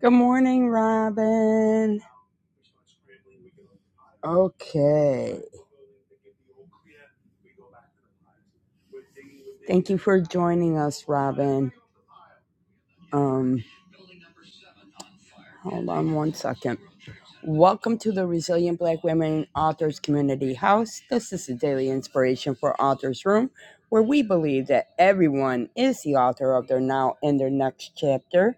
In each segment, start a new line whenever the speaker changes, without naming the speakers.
Good morning, Robin. Okay. Thank you for joining us, Robin. Um, hold on one second. Welcome to the Resilient Black Women Authors Community House. This is a daily inspiration for Authors Room, where we believe that everyone is the author of their now and their next chapter.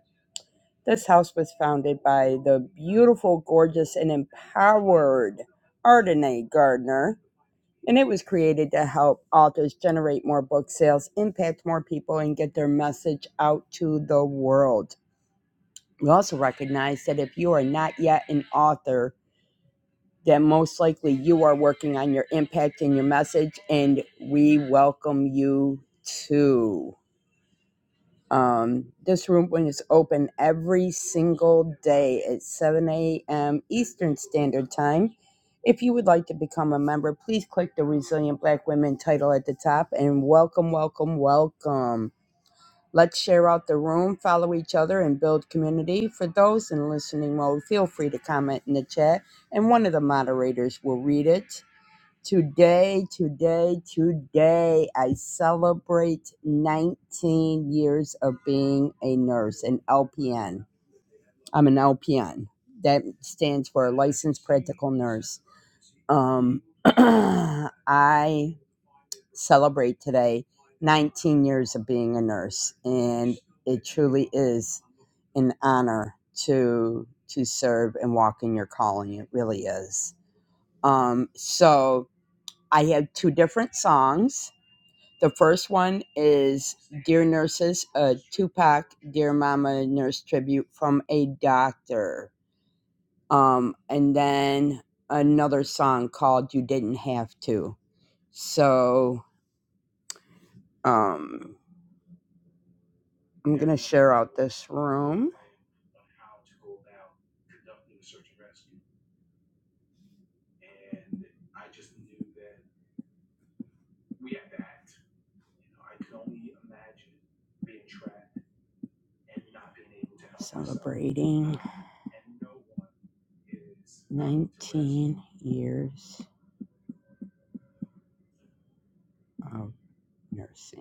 This house was founded by the beautiful, gorgeous, and empowered Ardenae Gardner and it was created to help authors generate more book sales, impact more people, and get their message out to the world. We also recognize that if you are not yet an author, then most likely you are working on your impact and your message, and we welcome you too. Um, this room when it's open every single day at 7 a.m. Eastern Standard Time. If you would like to become a member, please click the Resilient Black Women title at the top and welcome, welcome, welcome. Let's share out the room, follow each other, and build community. For those in listening mode, feel free to comment in the chat and one of the moderators will read it. Today, today, today, I celebrate 19 years of being a nurse, an LPN. I'm an LPN. That stands for licensed practical nurse. Um, I celebrate today 19 years of being a nurse, and it truly is an honor to to serve and walk in your calling. It really is. Um, so I have two different songs. The first one is Dear Nurses, a Tupac Dear Mama Nurse tribute from a doctor. Um, and then another song called You Didn't Have to. So um, I'm going to share out this room. 18 years of nursing.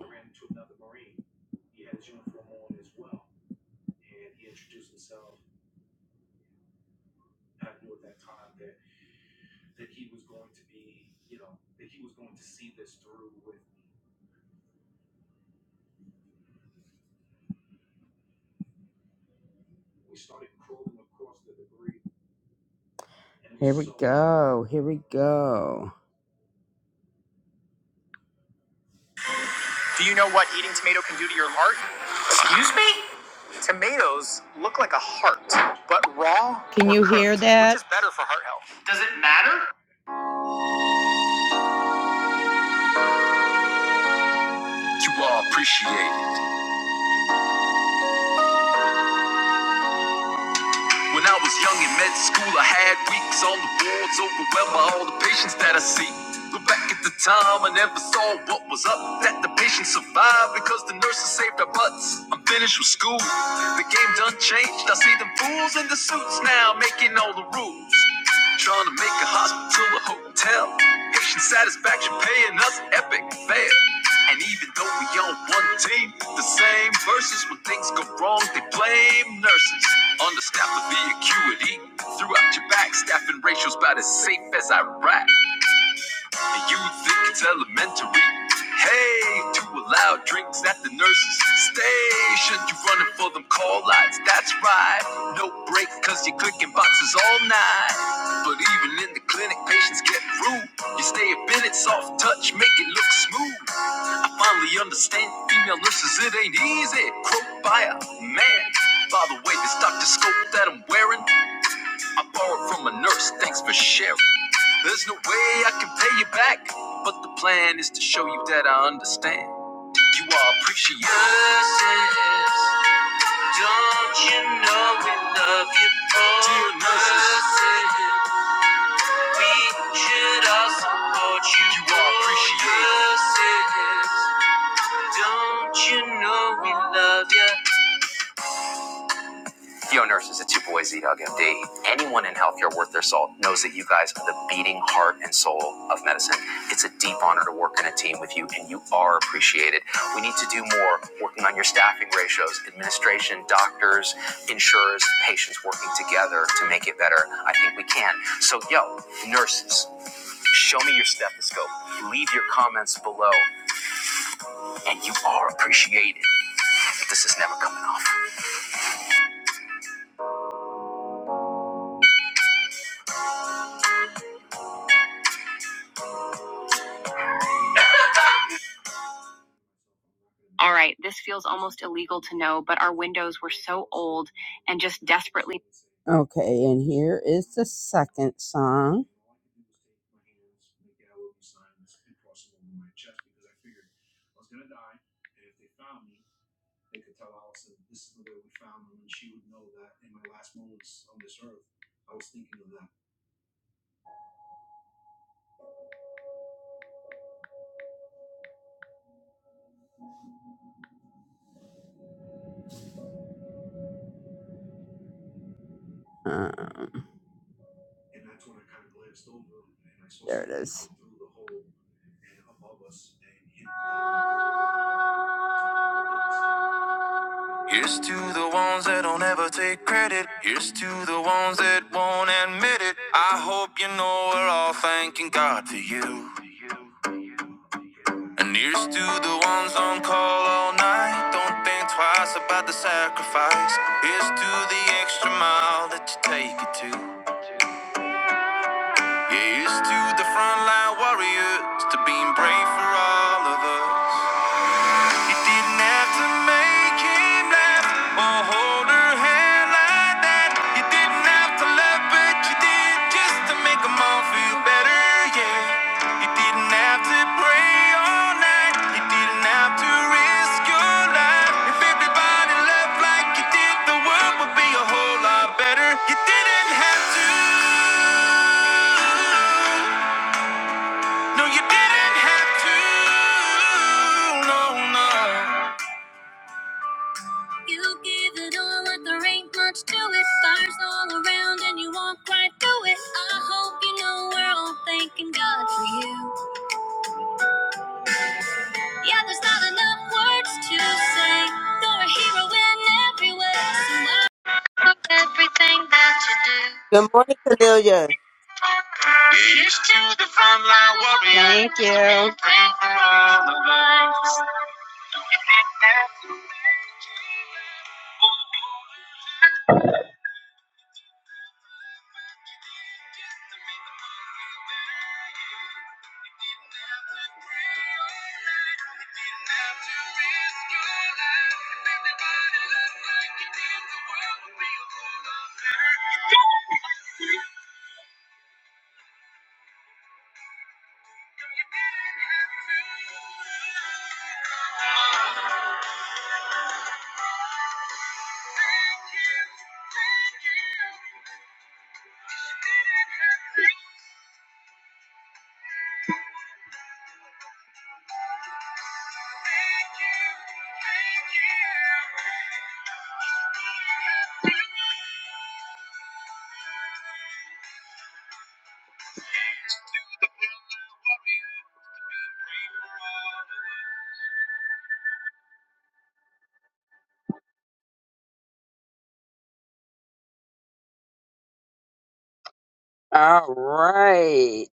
Here we go. Here we go. Do you know what eating tomato can do to your heart? Excuse me? Tomatoes look like a heart, but raw. Can you hear that? Which is better for heart health. You all appreciate When I was young in med school, I had weeks on the boards, overwhelmed by all the patients that I see. Look back at the time, I never saw what was up. That the patients survived because the nurses saved their butts. I'm finished with school, the game done changed. I see them fools in the suits now, making all the rules. Trying to make a hospital a hotel. Patient satisfaction paying us epic fare. And even though we on one team, the same verses when things go wrong, they blame nurses. Understaffed with the acuity. Throughout your back, staffing ratios about as safe as Iraq. And you think it's elementary. Hey, two allowed drinks at the nurse's station. You running for them call lights, that's right. No break, cause you're clicking boxes all night. But even in the clinic, patients get rude. You stay a minute, soft touch, make it look smooth. I finally understand female nurses, it ain't easy. Croak by a man. By the way, this doctor scope that I'm wearing, I borrowed from a nurse, thanks for sharing. There's no way I can pay you back, but the plan is to show you that I understand. You are appreciated. Nurses, don't you know we love you? nurses, you are appreciated. Yo, nurses, it's your boy Z Dog MD. Anyone in healthcare worth their salt knows that you guys are the beating heart and soul of medicine. It's a deep honor to work in a team with you, and you are appreciated. We need to do more working on your staffing ratios, administration, doctors, insurers, patients working together to make it better. I think we can. So, yo, nurses, show me your stethoscope. Leave your comments below, and you are appreciated. This is never coming off. We're all thanking God for you. And here's to the ones on call all night. Don't think twice about the sacrifice. Here's to the extra mile that you take it to. Yeah, here's to the frontline warriors, to being brave for all of us. You didn't have to make him laugh or hold her hand like that. You didn't have to love, but you did just to make all feel better, yeah. You didn't have to pray all night. You didn't have to risk your life. If everybody loved like you did, the world would be a whole lot better. You didn't have to. No, you didn't have to. No, no. You give it all like there ain't much to it. Fires all around and you walk right through it. I hope you know we're all thanking God for you. Yeah, there's not enough words to say. You're a hero in every way. So I love everything that you do.
Good morning, Cornelia.
Here's to the frontline warrior. Thank you. Pray for all the lives. All right.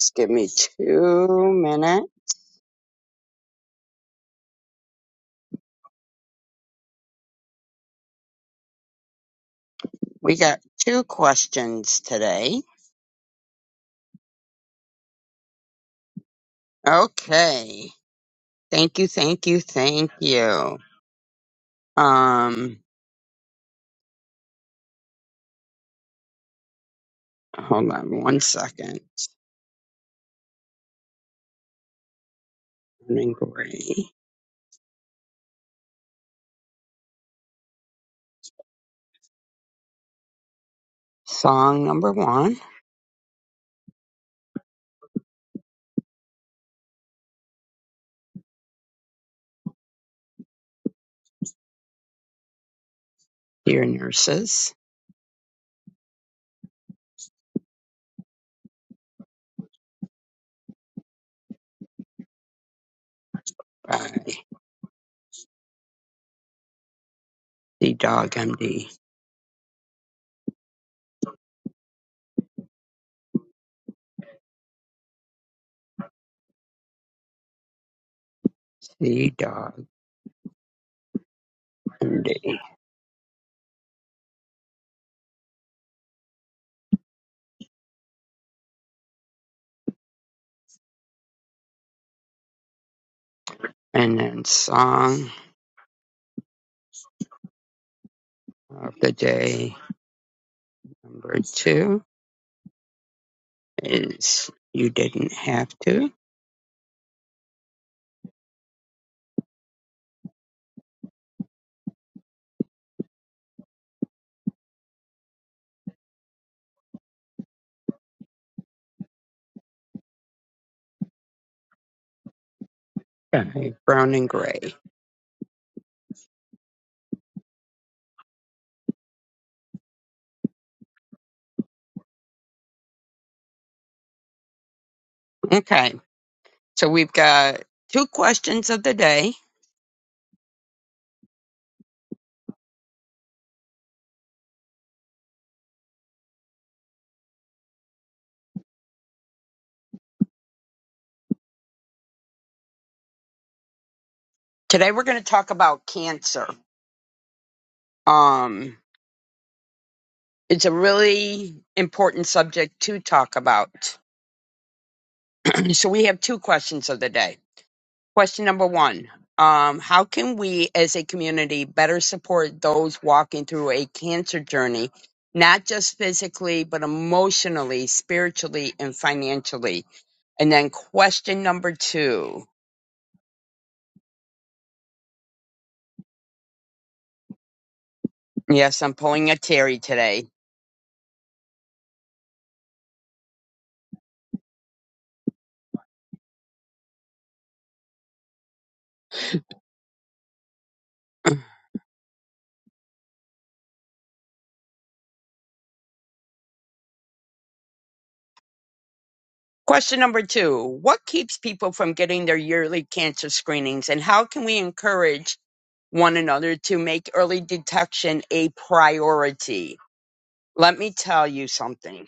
Just give me two minutes. Brown and green. Okay. So we've got two questions of the day. Today we're going to talk about cancer. Um, it's a really important subject to talk about. so we have two questions of the day. Question number one. Um, how can we as a community better support those walking through a cancer journey, not just physically, but emotionally, spiritually, and financially? And then question number two. Yes, I'm pulling a Terry today. Question number two. What keeps people from getting their yearly cancer screenings and how can we encourage one another to make early detection a priority? Let me tell you something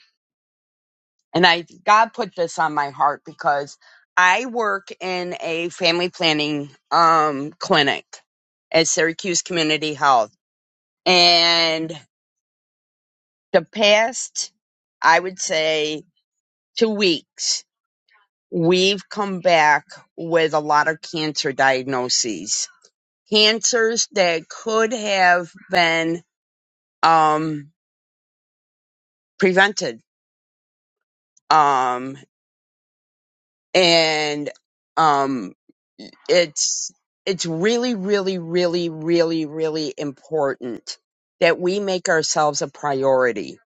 And I God put this on my heart because I work in a family planning um clinic at Syracuse Community Health. And the past, I would say, two weeks, we've come back with a lot of cancer diagnoses. Cancers that could have been um prevented. Um and um it's it's really really really really really important that we make ourselves a priority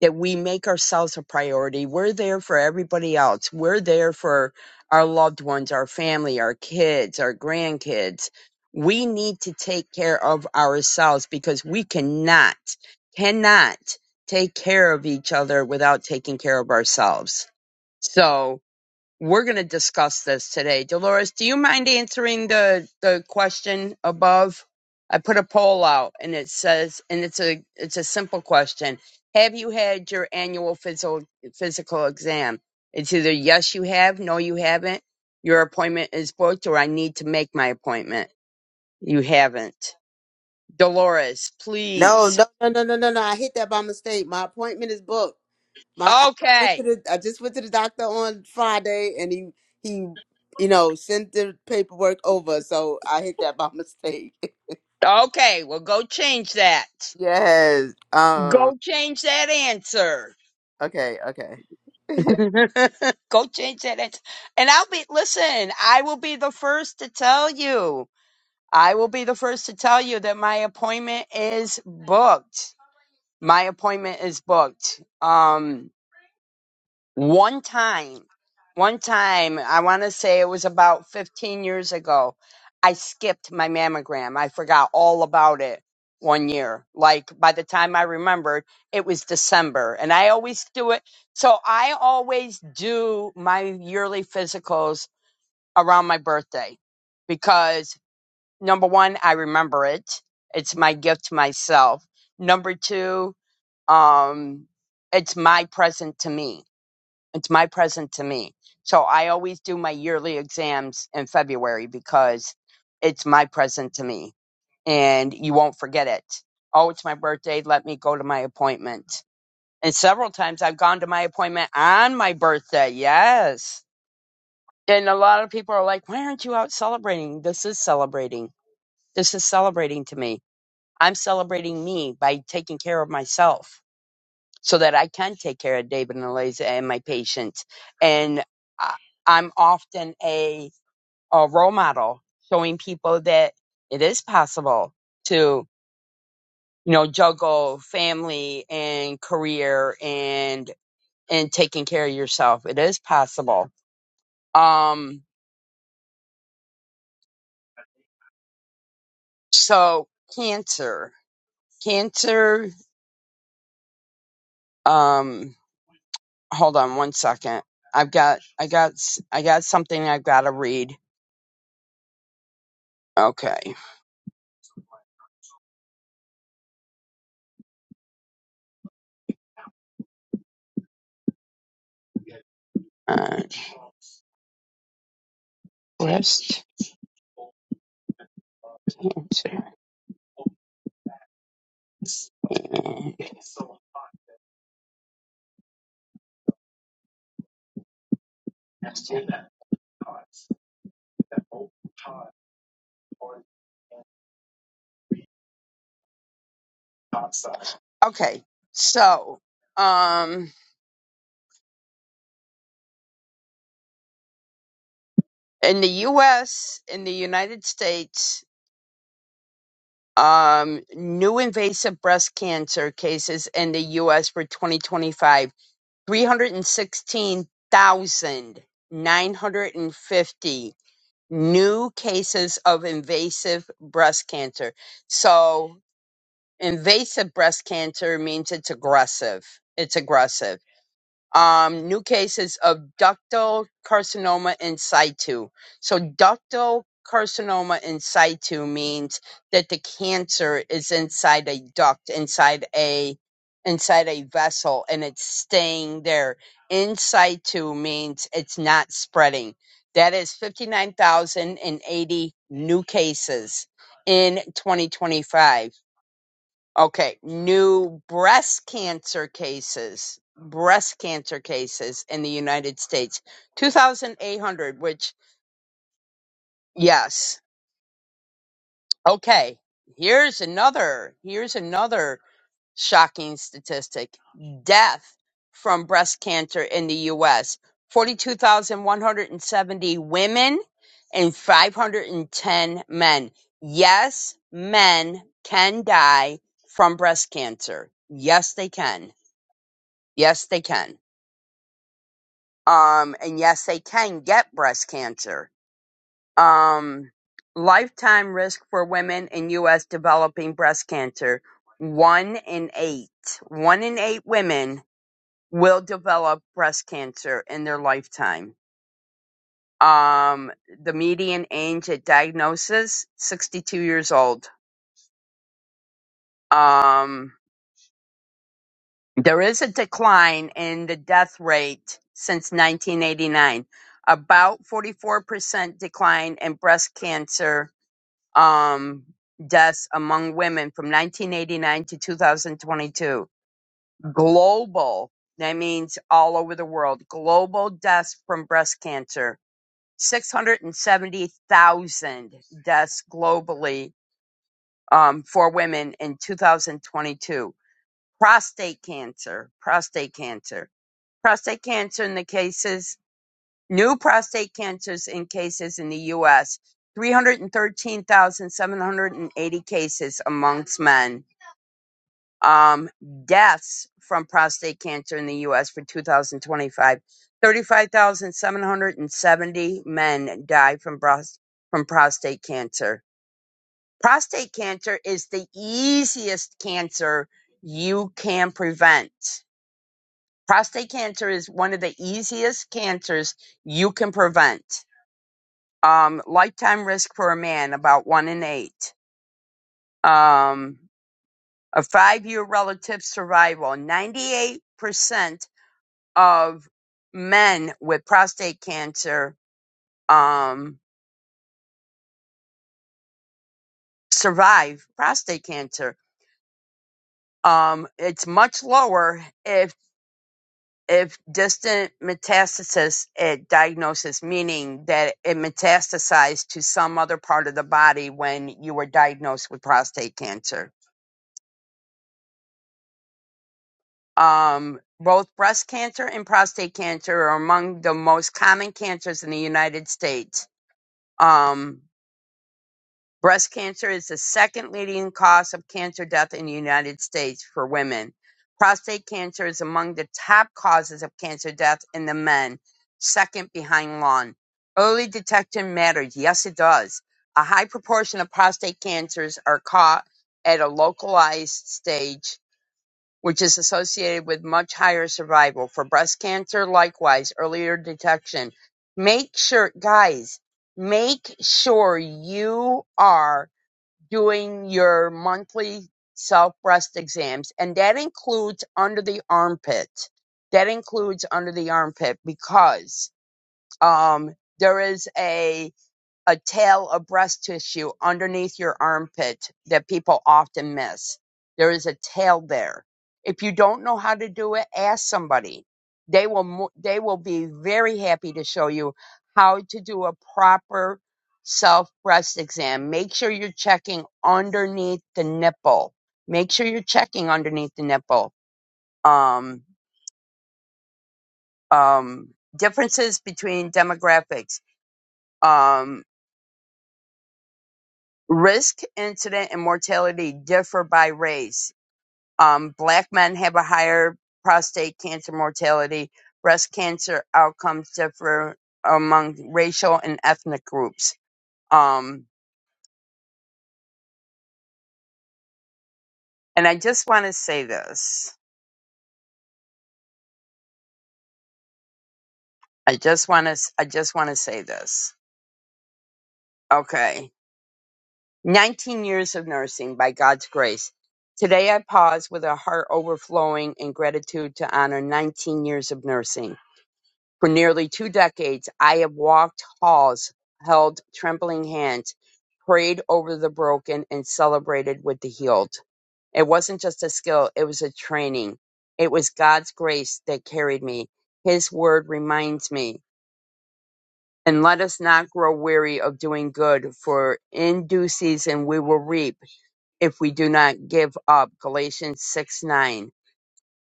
that we make ourselves a priority we're there for everybody else we're there for our loved ones our family our kids our grandkids we need to take care of ourselves because we cannot cannot take care of each other without taking care of ourselves so we're going to discuss this today. Dolores, do you mind answering the the question above? I put a poll out and it says and it's a it's a simple question. Have you had your annual physical physical exam? It's either yes you have, no you haven't. Your appointment is booked or I need to make my appointment. You haven't. Dolores,
No,
please.
no, no, no, no, no, no. I hit that by mistake. My appointment is booked. My I went to
Okay.
the I just went to the doctor on Friday and he he you know sent the paperwork over, so I hit that by mistake.
Okay, well go change that.
Yes. Um
Go change that answer.
okay, okay.
Go change that. It's- And I'll be, listen, I will be the first to tell you. I will be the first to tell you that my appointment is booked. My appointment is booked. Um, one time one time i want to say it was about 15 years ago i skipped my mammogram i forgot all about it one year like by the time i remembered it was december and i always do it so i always do my yearly physicals around my birthday because number one i remember it it's my gift to myself number two um it's my present to me it's my present to me. So I always do my yearly exams in February because it's my present to me and you won't forget it. Oh, it's my birthday. Let me go to my appointment. And several times I've gone to my appointment on my birthday. Yes. And a lot of people are like, why aren't you out celebrating? This is celebrating. This is celebrating to me. I'm celebrating me by taking care of myself so that I can take care of David and Eliza and my patients. And I- I'm often a, a role model showing people that it is possible to, you know, juggle family and career and, and taking care of yourself. It is possible. Um, so cancer, cancer, um, hold on one second. I've got, I got, I got something I've got to read. Okay. Okay, so um, in the U.S., in the United States, um, new invasive breast cancer cases in the U.S. for 2025, 316,950 new cases of invasive breast cancer. So invasive breast cancer means it's aggressive. It's aggressive um, new cases of ductal carcinoma in situ. So, ductal carcinoma in situ means that the cancer is inside a duct, inside a inside a vessel, and it's staying there. In situ means it's not spreading. That is 59,080 new cases in 2025. Okay, new breast cancer cases, breast cancer cases in the United States, 2,800, which, yes. Okay, here's another, here's another shocking statistic. Death from breast cancer in the U.S., 42,170 women and 510 men. Yes, men can die from breast cancer. Yes, they can Yes, they can. Um, and yes, they can get breast cancer. Um, lifetime risk for women in U.S. developing breast cancer. One in eight, one in eight women will develop breast cancer in their lifetime. Um, the median age at diagnosis, 62 years old. Um, There is a decline in the death rate since 1989, about 44% decline in breast cancer um, deaths among women from 1989 to 2022. Global, that means all over the world, global deaths from breast cancer, 670,000 deaths globally um, for women in 2022. Prostate cancer, prostate cancer prostate cancer in the cases, new prostate cancers in cases in the U.S. 313,780 cases amongst men. Um, deaths from prostate cancer in the U.S. for 2025. 35,770 men die from, bros- from prostate cancer. Prostate cancer is the easiest cancer you can prevent prostate cancer is one of the easiest cancers you can prevent. Um, lifetime risk for a man, about one in eight. Um, a five year relative survival, 98% of men with prostate cancer um, survive prostate cancer. Um, it's much lower if. if distant metastasis at diagnosis, meaning that it metastasized to some other part of the body when you were diagnosed with prostate cancer. Um, both breast cancer and prostate cancer are among the most common cancers in the United States. Um, Breast cancer is the second leading cause of cancer death in the United States for women. Prostate cancer is among the top causes of cancer death in the men, second behind lung. Early detection matters. Yes, it does. A high proportion of prostate cancers are caught at a localized stage, which is associated with much higher survival. For breast cancer, likewise, earlier detection. Make sure, guys, make sure you are doing your monthly self breast exams, and that includes under the armpit. That includes under the armpit because um, there is a a tail of breast tissue underneath your armpit that people often miss. There is a tail there. If you don't know how to do it, ask somebody. They will mo- they will be very happy to show you how to do a proper self breast exam. Make sure you're checking underneath the nipple. Make sure you're checking underneath the nipple. Um, um, differences between demographics. Um, risk, incident, and mortality differ by race. Um, black men have a higher prostate cancer mortality. Breast cancer outcomes differ among racial and ethnic groups. Um, and I just want to say this. I just want to. I just want to say this. Okay. 19 years of nursing by God's grace. Today I pause with a heart overflowing in gratitude to honor 19 years of nursing. For nearly two decades, I have walked halls, held trembling hands, prayed over the broken, and celebrated with the healed. It wasn't just a skill, it was a training. It was God's grace that carried me. His word reminds me. And let us not grow weary of doing good, for in due season we will reap if we do not give up. Galatians 6:9.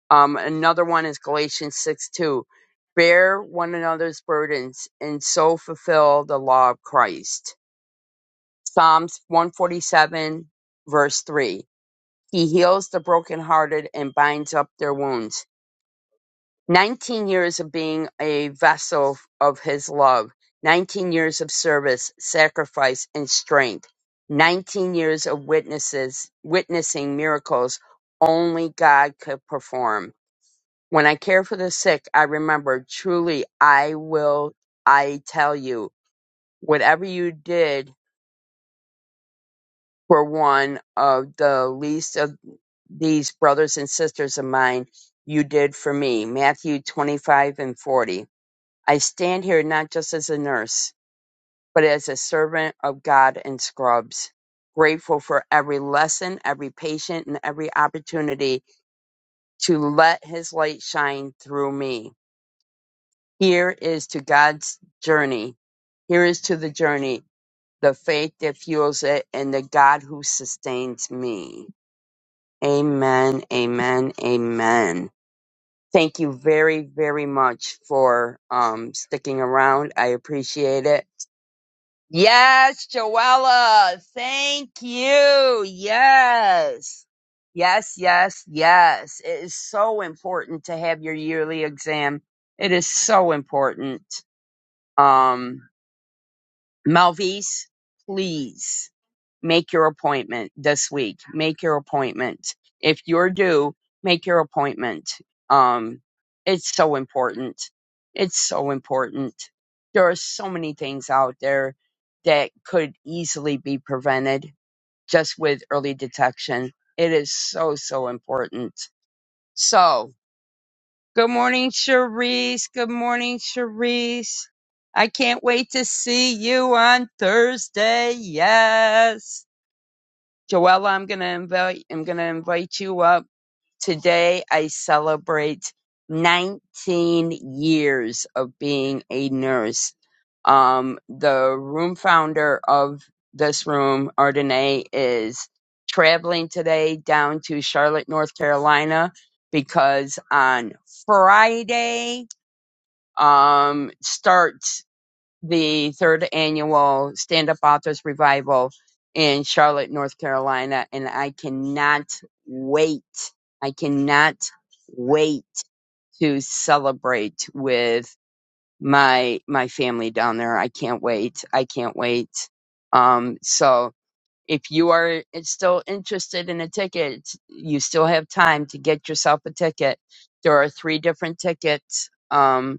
Um, another one is Galatians 6 2. Bear one another's burdens and so fulfill the law of Christ. Psalms 147, verse 3. He heals the brokenhearted and binds up their wounds. 19 years of being a vessel of his love, 19 years of service, sacrifice, and strength, 19 years of witnesses, witnessing miracles only God could perform. When I care for the sick, I remember truly I will, I tell you, whatever you did for one of the least of these brothers and sisters of mine, you did for me. Matthew 25 and 40. I stand here not just as a nurse, but as a servant of God and Scrubs, grateful for every lesson, every patient, and every opportunity to let his light shine through me. Here is to God's journey. Here is to the journey, the faith that fuels it, and the God who sustains me. Amen, amen, amen. Thank you very, very much for um, sticking around. I appreciate it. Yes, Joella, thank you. Yes. Yes, yes, yes. It is so important to have your yearly exam. It is so important. Um, Malvise, please make your appointment this week. Make your appointment. If you're due, make your appointment. Um, it's so important. It's so important. There are so many things out there that could easily be prevented just with early detection. It is so, so important. So, Good morning, Cherise. Good morning, Cherise. I can't wait to see you on Thursday. Yes. Joella, I'm gonna invite I'm gonna invite you up. Today I celebrate 19 years of being a nurse. Um, the room founder of this room, Ardenae, is traveling today down to Charlotte, North Carolina, because on Friday um, starts the third annual Stand Up Authors Revival in Charlotte, North Carolina, and I cannot wait. I cannot wait to celebrate with my my family down there. I can't wait. I can't wait. Um, so if you are still interested in a ticket, you still have time to get yourself a ticket. There are three different tickets. Um,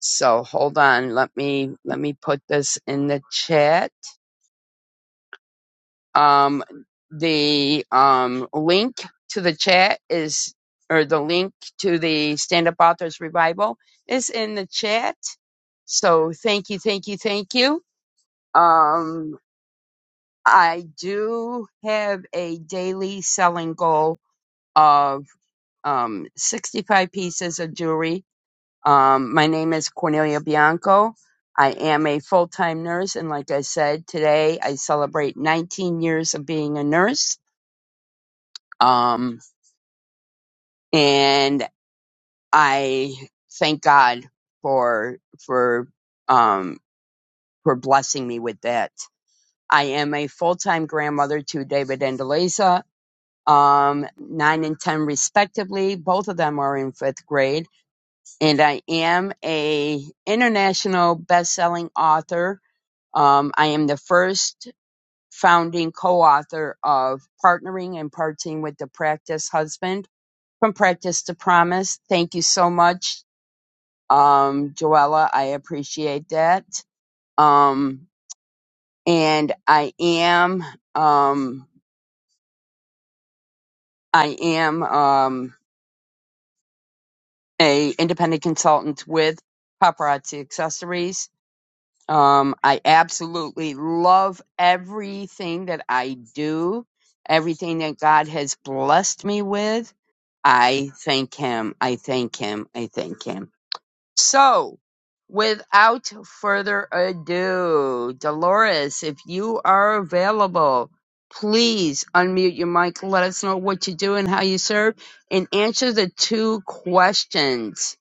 so hold on. Let me, let me put this in the chat. Um, the, um, link to the chat is, or the link to the Stand Up Authors Revival is in the chat. So thank you, thank you, thank you. Um, I do have a daily selling goal of, um, 65 pieces of jewelry Um, my name is Cornelia Bianco. I am a full time nurse, and like I said, today I celebrate 19 years of being a nurse. Um, and I thank God for for um, for blessing me with that. I am a full time grandmother to David and Eliza, um, nine and ten respectively. Both of them are in fifth grade, and I am a international best selling author Um, I am the first founding co-author of Partnering and Parting with the Practice Husband from Practice to Promise. Thank you so much, um, Joella. I appreciate that. Um, and I am, um, I am um, a independent consultant with Paparazzi Accessories Um, I absolutely love everything that I do, everything that God has blessed me with. I thank Him. I thank Him. I thank Him. So, without further ado, Dolores, if you are available, please unmute your mic. Let us know what you do and how you serve, and answer the two questions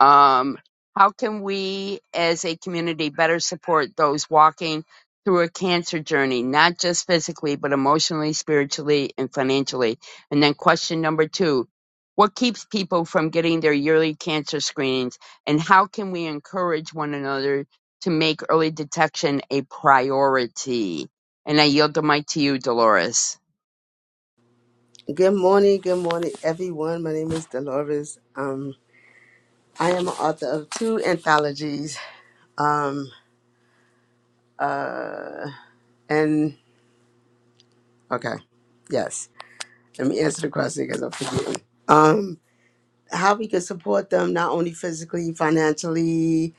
um, how can we as a community better support those walking through a cancer journey, not just physically, but emotionally, spiritually, and financially? And then question number two, what keeps people from getting their yearly cancer screenings and how can we encourage one another to make early detection a priority? And I yield the mic to you, Dolores.
Good morning, good morning everyone. My name is Dolores. Um I am an author of two anthologies. Um uh and okay. Yes. Let me answer the question because I'm forgetting. Um, how we can support them not only physically, financially,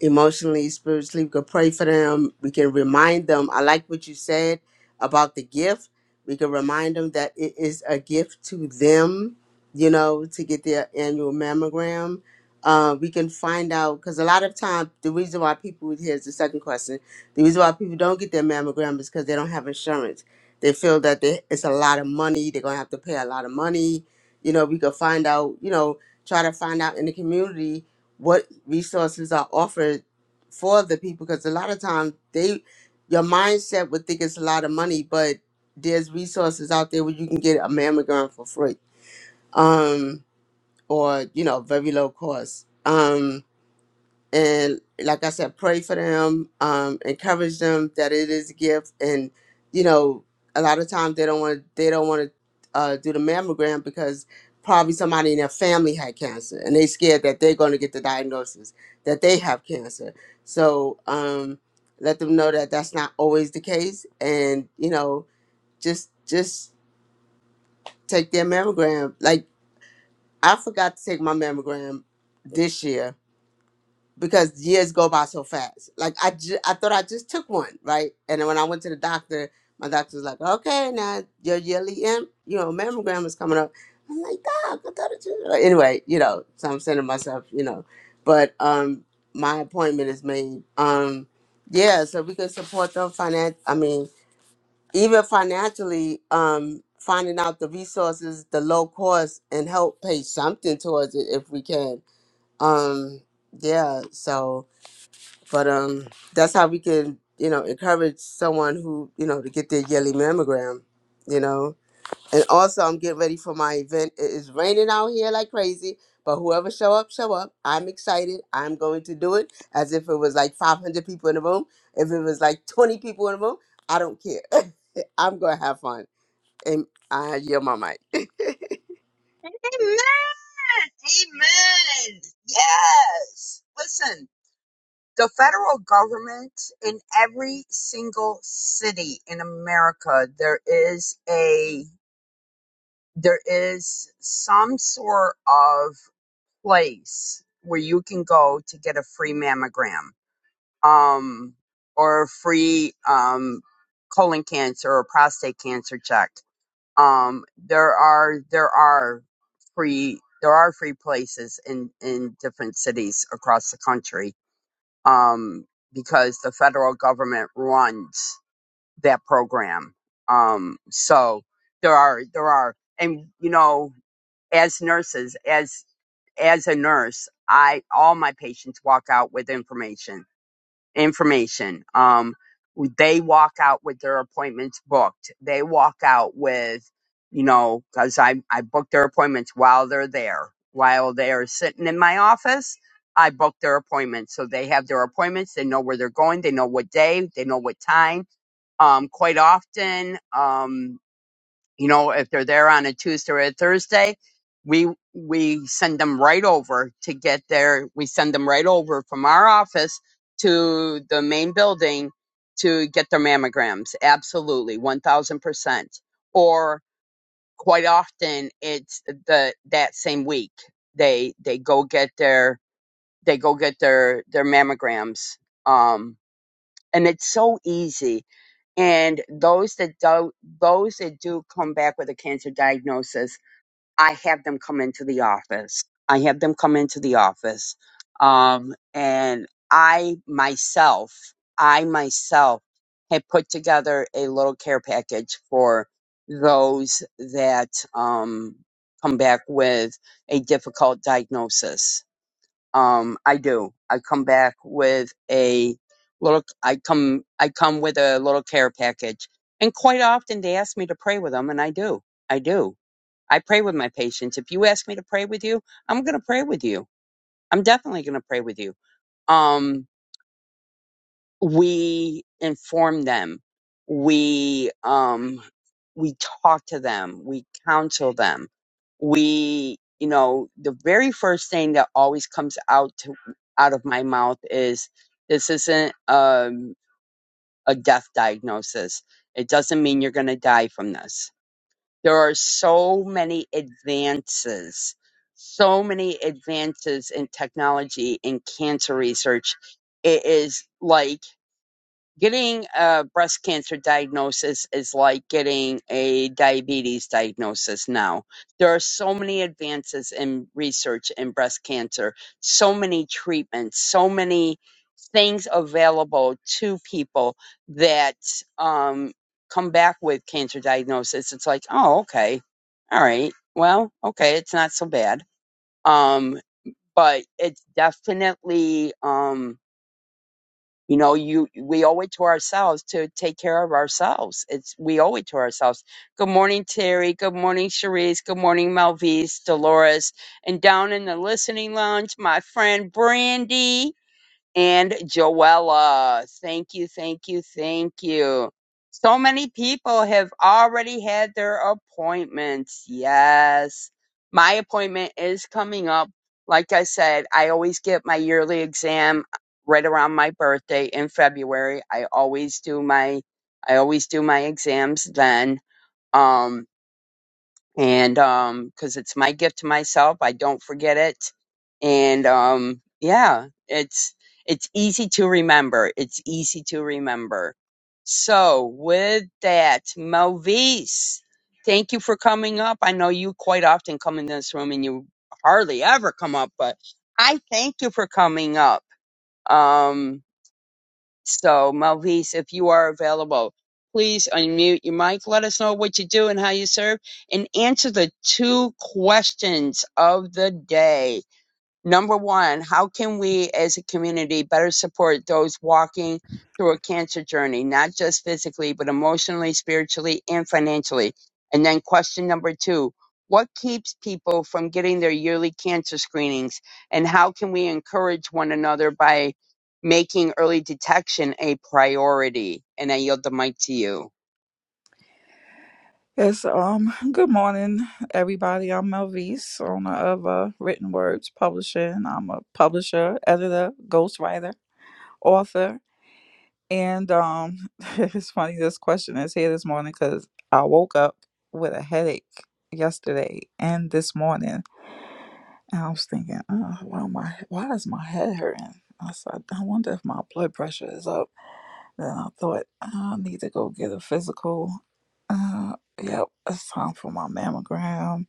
emotionally, spiritually. We can pray for them. We can remind them. I like what you said about the gift. We can remind them that it is a gift to them, you know, to get their annual mammogram. Uh, we can find out because a lot of time the reason why people here's the second question the reason why people don't get their mammogram is because they don't have insurance they feel that they, it's a lot of money they're gonna have to pay a lot of money you know we could find out you know try to find out in the community what resources are offered for the people because a lot of times they your mindset would think it's a lot of money but there's resources out there where you can get a mammogram for free um or you know very low cost Um, and like I said, pray for them, um, encourage them that it is a gift, and you know, a lot of times they don't want they don't want to uh, do the mammogram because probably somebody in their family had cancer, and they scared that they're going to get the diagnosis that they have cancer. So um, let them know that that's not always the case, and you know, just just take their mammogram. Like I forgot to take my mammogram this year because years go by so fast. Like I, ju- I thought I just took one, right? And then when I went to the doctor, my doctor was like, "Okay, now your yearly, M, you know, mammogram is coming up." I'm like, "Doc, I thought it was anyway." You know, so I'm saying to myself, you know, but um, my appointment is made. Um, yeah, so we can support them finan. I mean, even financially, um, finding out the resources, the low cost, and help pay something towards it if we can. Um, yeah, so but um that's how we can you know encourage someone who you know to get their yearly mammogram you know and also i'm getting ready for my event it is raining out here like crazy but whoever show up show up i'm excited i'm going to do it as if it was like 500 people in the room if it was like 20 people in the room i don't care i'm gonna have fun and i yield my mic
Amen. Amen. Yes. Listen. The federal government in every single city in America, there is a there is some sort of place where you can go to get a free mammogram, um, or a free um, colon cancer or prostate cancer check. Um, there are there are free there are free places in in different cities across the country um, because the federal government runs that program. Um, so there are there are, and you know, as nurses, as as a nurse, I all my patients walk out with information information. Um, they walk out with their appointments booked. They walk out with, you know, because I I book their appointments while they're there, while they're sitting in my office. I book their appointments, so they have their appointments. They know where they're going. They know what day. They know what time. Um, quite often, um, you know if they're there on a tuesday or a thursday we we send them right over to get there we send them right over from our office to the main building to get their mammograms absolutely 1000% or quite often it's the that same week they they go get their they go get their their mammograms Um, and it's so easy. And those that do, those that do come back with a cancer diagnosis, I have them come into the office. I have them come into the office, um, and I myself, I myself have put together a little care package for those that um, come back with a difficult diagnosis um, I do. I come back with a little. I come. I come with a little care package, and quite often they ask me to pray with them, and I do. I do. I pray with my patients. If you ask me to pray with you, I'm going to pray with you. I'm definitely going to pray with you. Um, we inform them we um we talk to them we counsel them we you know the very first thing that always comes out to, out of my mouth is this isn't um, a death diagnosis it doesn't mean you're going to die from this there are so many advances so many advances in technology in cancer research it is like getting a breast cancer diagnosis is like getting a diabetes diagnosis now. There are so many advances in research in breast cancer, so many treatments, so many things available to people that um, come back with cancer diagnosis. It's like, oh, okay, all right, well, okay, it's not so bad. Um, but it's definitely. Um, you know, you we owe it to ourselves to take care of ourselves. It's we owe it to ourselves. Good morning, Terry. Good morning, Cherise. Good morning, Melvise, Dolores, and down in the listening lounge, my friend Brandy and Joella. Thank you, thank you, thank you. So many people have already had their appointments. Yes. My appointment is coming up. Like I said, I always get my yearly exam right around my birthday in February. I always do my I always do my exams then. Um and um because it's my gift to myself i don't forget it and um yeah it's it's easy to remember it's easy to remember so with that melvise thank you for coming up i know you quite often come in this room and you hardly ever come up but i thank you for coming up um so, Malvise, if you are available, please unmute your mic. Let us know what you do and how you serve, and answer the two questions of the day. Number one, how can we as a community better support those walking through a cancer journey, not just physically, but emotionally, spiritually, and financially? And then question number two, what keeps people from getting their yearly cancer screenings? And how can we encourage one another by making early detection a priority? And I yield the mic to you.
Yes, um, good morning, everybody. I'm Melvise, owner of uh, Written Words Publishing. I'm a publisher, editor, ghostwriter, author. And um, it's funny this question is here this morning because I woke up with a headache yesterday and this morning. And I was thinking, oh, why, my, why is my head hurting? I said, I wonder if my blood pressure is up. Then I thought, I need to go get a physical. Uh, yep, it's time for my mammogram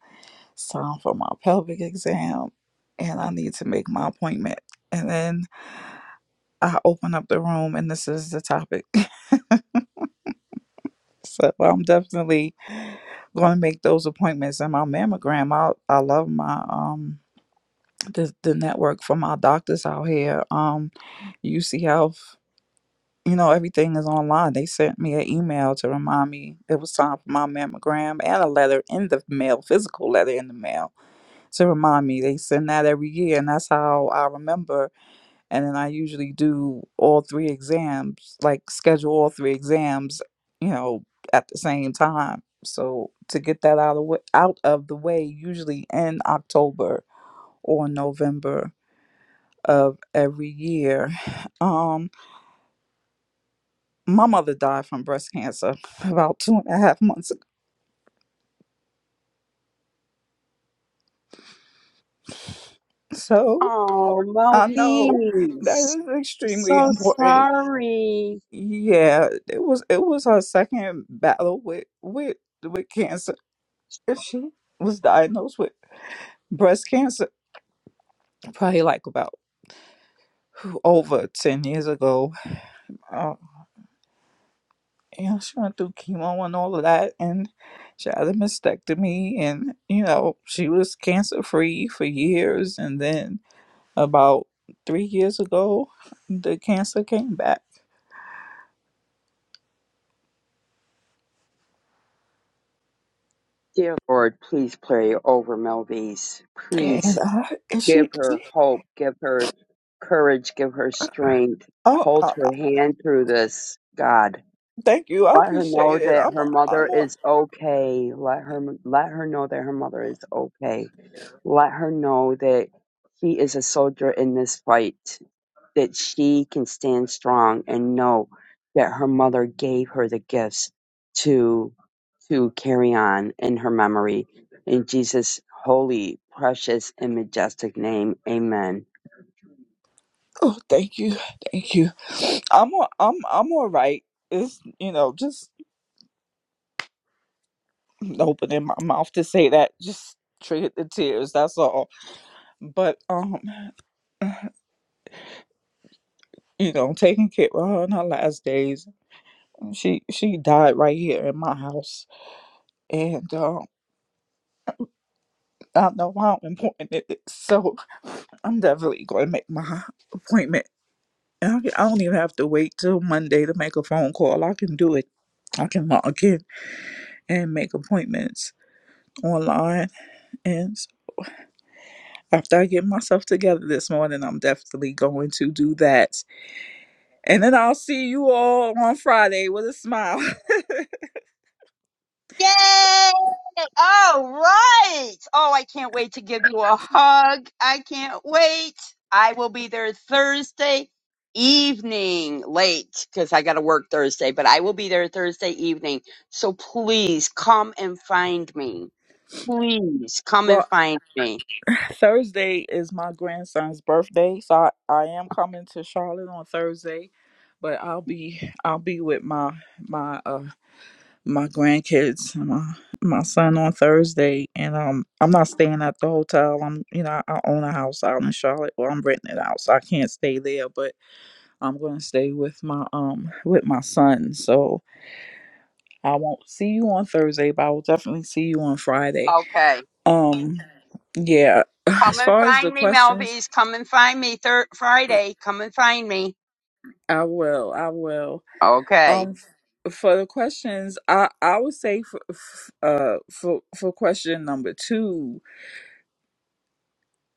so i for my pelvic exam and I need to make my appointment. And then I open up the room and this is the topic. so I'm definitely going to make those appointments. And my mammogram, I, I love my, um, the, the network for my doctors out here. Um, UC Health, you know, everything is online. They sent me an email to remind me it was time for my mammogram and a letter in the mail, physical letter in the mail to remind me. They send that every year, and that's how I remember and then I usually do all three exams, like schedule all three exams, you know, at the same time. So to get that out of wa- out of the way, usually in October or November of every year. Um, my mother died from breast cancer about two and a half months ago, so
Oh,
I know that is extremely important. Yeah, it was it was her second battle with with with cancer And she was diagnosed with breast cancer probably like about whew, over 10 years ago. Uh, you know, she went through chemo and all of that, and she had a mastectomy, and you know, she was cancer free for years. And then about three years ago, the cancer came back.
dear Lord, please pray over Melvies. Please.
And, uh, and
Give
she, she
her hope, give her courage, give her strength.
oh,
Hold
uh,
her hand through this, God.
thank you, I
Let her know
appreciate it.
that
I'm,
her
a,
mother
I'm, a,
is okay. Let her let her know that her mother is okay. Let her know that she is a soldier in this fight, that she can stand strong and know that her mother gave her the gifts to to carry on in her memory. In Jesus' holy, precious, and majestic name, amen.
oh, thank you, thank you. I'm, a, I'm, I'm all right. It's you know just opening my mouth to say that just triggered the tears. That's all. But um, you know, taking care of her in her last days, she she died right here in my house, and um, I know how important it is. So I'm definitely going to make my appointment. And I, I don't even have to wait till Monday to make a phone call. I can do it. I can log in and make appointments online. And after I get myself together this morning, I'm definitely going to do that And then I'll see you all on Friday with a smile.
Yay! All right. Oh, I can't wait to give you a hug. I can't wait. I will be there Thursday evening late because I got to work Thursday, but I will be there Thursday evening. So please come and find me. Please come and
Well,
find me.
Thursday is my grandson's birthday, so I, I am coming to Charlotte on Thursday, but I'll be I'll be with my my uh my grandkids, and my my son on Thursday, and um I'm not staying at the hotel. I'm you know I own a house out in Charlotte, well I'm renting it out, so I can't stay there, but I'm gonna stay with my um with my son, so I won't see you on Thursday, but I will definitely see you on Friday
Okay.
Um, yeah,
Come
as
and
far as
find
the
me,
questions,
Melvies. Come and find me thir- Friday. Come and find me.
I will, I will.
Okay.
Um, f- for the questions, I I would say for f- uh for for question number two,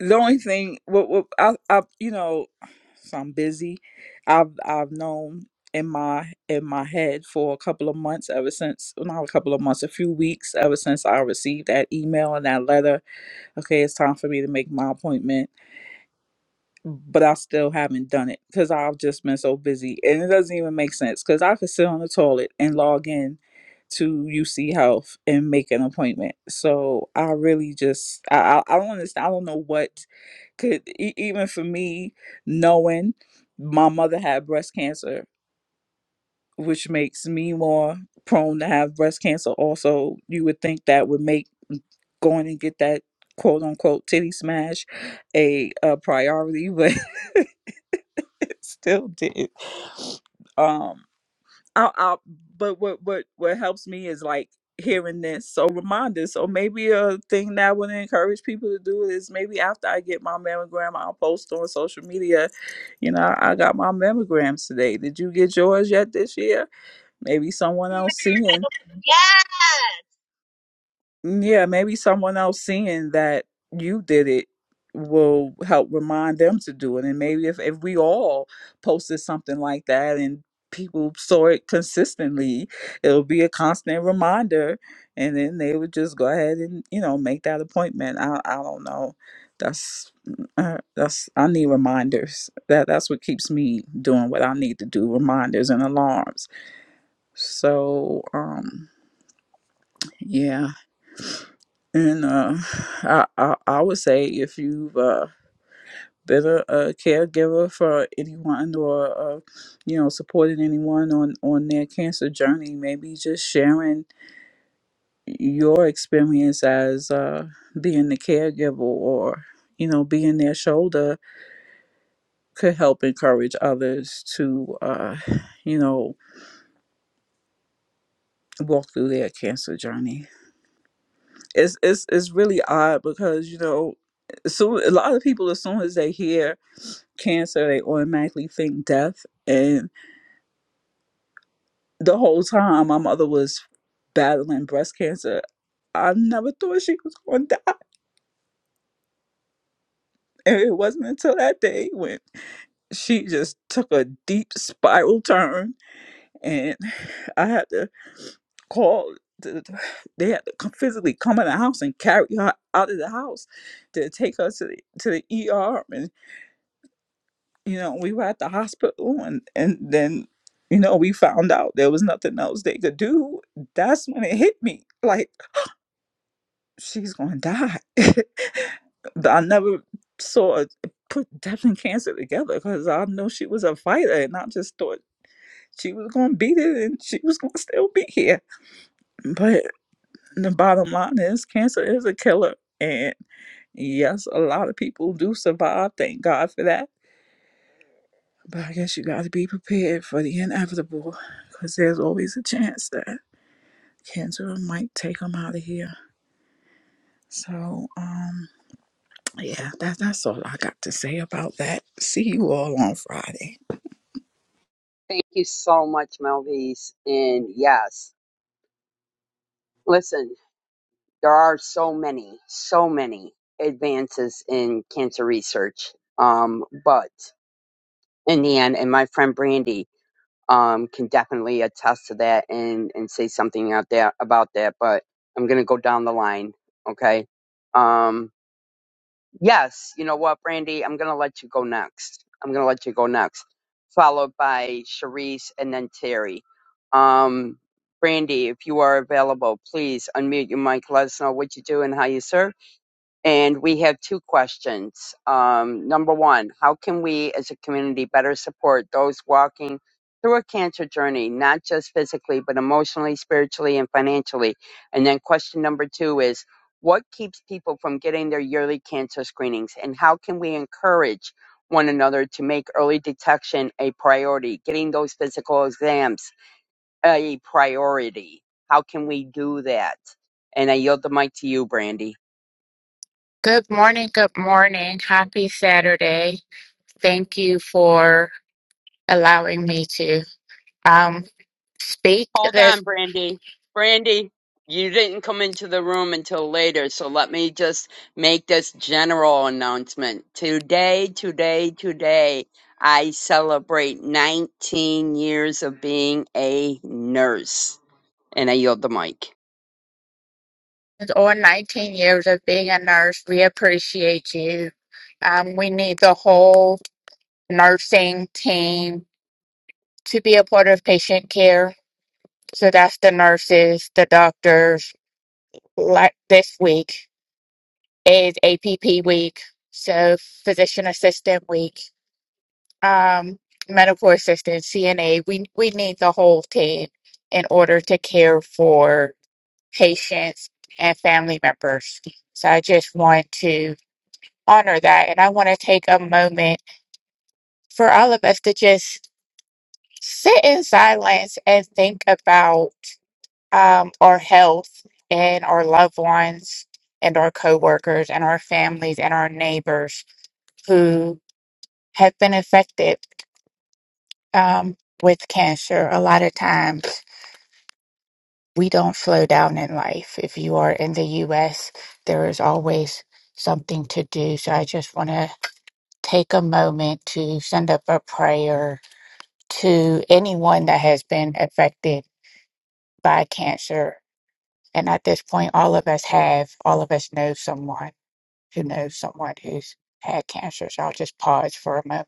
the only thing what what I I you know, so I'm busy. I've I've known in my in my head for a couple of months ever since well, not a couple of months a few weeks ever since i received that email and that letter okay it's time for me to make my appointment but I still haven't done it because I've just been so busy. And it doesn't even make sense because I could sit on the toilet and log in to UC Health and make an appointment. So I really just, I, I, I don't understand. I don't know what could, e- even for me, knowing my mother had breast cancer, which makes me more prone to have breast cancer also, you would think that would make going and get that quote unquote titty smash a, a priority, but. it still didn't. Um, I, I, but what what what helps me is like hearing this, so reminders. So maybe a thing that I would encourage people to do is maybe after I get my mammogram, I'll post on social media. You know, I got my mammograms today. Did you get yours yet this year? Maybe someone else seeing. Mm, Yeah, maybe someone else seeing that you did it will help remind them to do it. And maybe if, if we all posted something like that and people saw it consistently, it'll be a constant reminder. And then they would just go ahead and, you know, make that appointment. I, I don't know. That's mm, uh, that's I need reminders. That that's what keeps me doing what I need to do, reminders and alarms. So, um, yeah. And uh, I, I I would say if you've uh, been a, a caregiver for anyone or uh, you know supported anyone on on their cancer journey, maybe just sharing your experience as uh, being the caregiver or you know being their shoulder could help encourage others to uh, you know walk through their cancer journey. It's it's it's really odd because you know so a lot of people as soon as they hear cancer, they automatically think death. And the whole time my mother was battling breast cancer, I never thought she was going to die. And it wasn't until that day when she just took a deep spiral turn, and I had to call. The, they had to come, physically come in the house and carry her out of the house to take her to the to the ER. and. you know, we were at the hospital and and then you know, we found out there was nothing else they could do. That's when it hit me. Like she's going to die. I never saw put death and cancer together because I know she was a fighter and I just thought she was going to beat it and she was going to still be here. But the bottom line is cancer is a killer. And yes, a lot of people do survive. Thank God for that But I guess you got to be prepared for the inevitable because there's always a chance that cancer might take them out of here. So, um, yeah, that, that's all I got to say about that. See you all on Friday.
Thank you so much, Melvies. And yes. Listen. there are so many, so many advances in cancer research. Um, but in the end, and my friend Brandy um, can definitely attest to that and, and say something out there about that. But I'm going to go down the line. Okay. Um, yes. You know what, Brandy? I'm going to let you go next. I'm going to let you go next, followed by Sharice and then Terry. Um, Brandy, if you are available, please unmute your mic. Let us know what you do and how you serve and we have two questions. Um, number one, how can we as a community better support those walking through a cancer journey, not just physically, but emotionally, spiritually, and financially? And then question number two is, what keeps people from getting their yearly cancer screenings? And how can we encourage one another to make early detection a priority, getting those physical exams a priority? How can we do that? And I yield the mic to you, Brandy.
Good morning. Good morning. Happy Saturday. Thank you for allowing me to um, speak.
Hold
This
on, Brandy. Brandy, you didn't come into the room until later, so let me just make this general announcement. Today, today, today, I celebrate 19 years of being a nurse. And I yield the mic.
is on 19 years of being a nurse. We appreciate you. Um, we need the whole nursing team to be a part of patient care. So that's the nurses, the doctors. Like this week is APP week, so physician assistant week. um, medical assistant, CNA, we, we need the whole team in order to care for patients and family members. So I just want to honor that. And I want to take a moment for all of us to just sit in silence and think about um, our health and our loved ones and our coworkers and our families and our neighbors who have been affected um, with cancer a lot of times we don't slow down in life. If you are in the US, there is always something to do. So I just want to take a moment to send up a prayer to anyone that has been affected by cancer. And at this point, all of us have, all of us know someone who knows someone who's had cancer. So I'll just pause for a moment.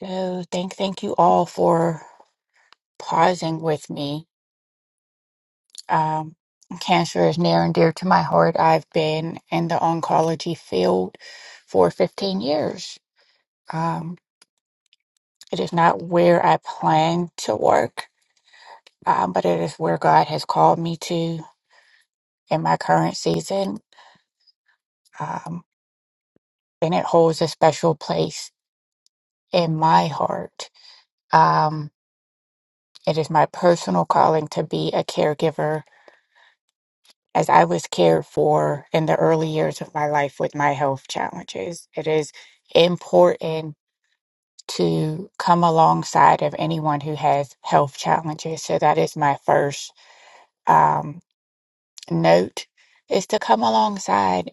So thank, thank you all for pausing with me Um, cancer is near and dear to my heart. I've been in the oncology field for 15 years. Um, it is not where I plan to work, um, but it is where God has called me to in my current season. Um, and it holds a special place in my heart. Um, it is my personal calling to be a caregiver as I was cared for in the early years of my life with my health challenges. It is important to come alongside of anyone who has health challenges. So that is my first um, note is to come alongside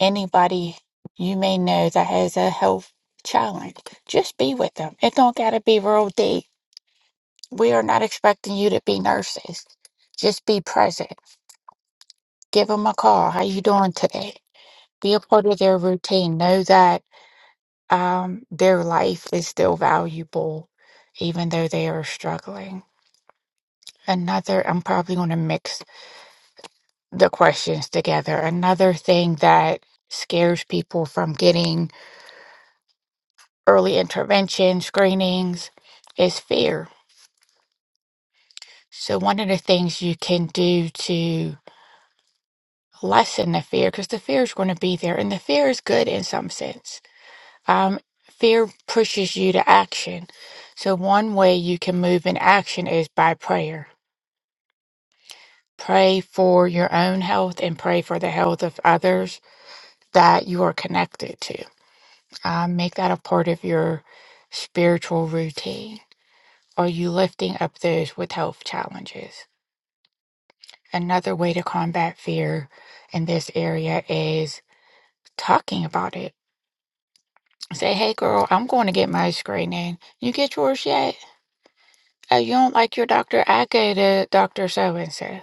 anybody you may know that has a health challenge. Just be with them. It don't gotta be real deep. We are not expecting you to be nurses. Just be present. Give them a call. How you doing today? Be a part of their routine. Know that um, their life is still valuable, even though they are struggling. another i'm probably going to mix the questions together another thing that scares people from getting early intervention screenings is fear so one of the things you can do to lessen the fear because the fear is going to be there and the fear is good in some sense um, fear pushes you to action so one way you can move in action is by prayer pray for your own health and pray for the health of others that you are connected to Uh, make that a part of your spiritual routine. Are you lifting up those with health challenges? Another way to combat fear in this area is talking about it. Say, hey, girl, I'm going to get my screening. You get yours yet? Oh, you don't like your doctor? I go to Dr. So and so.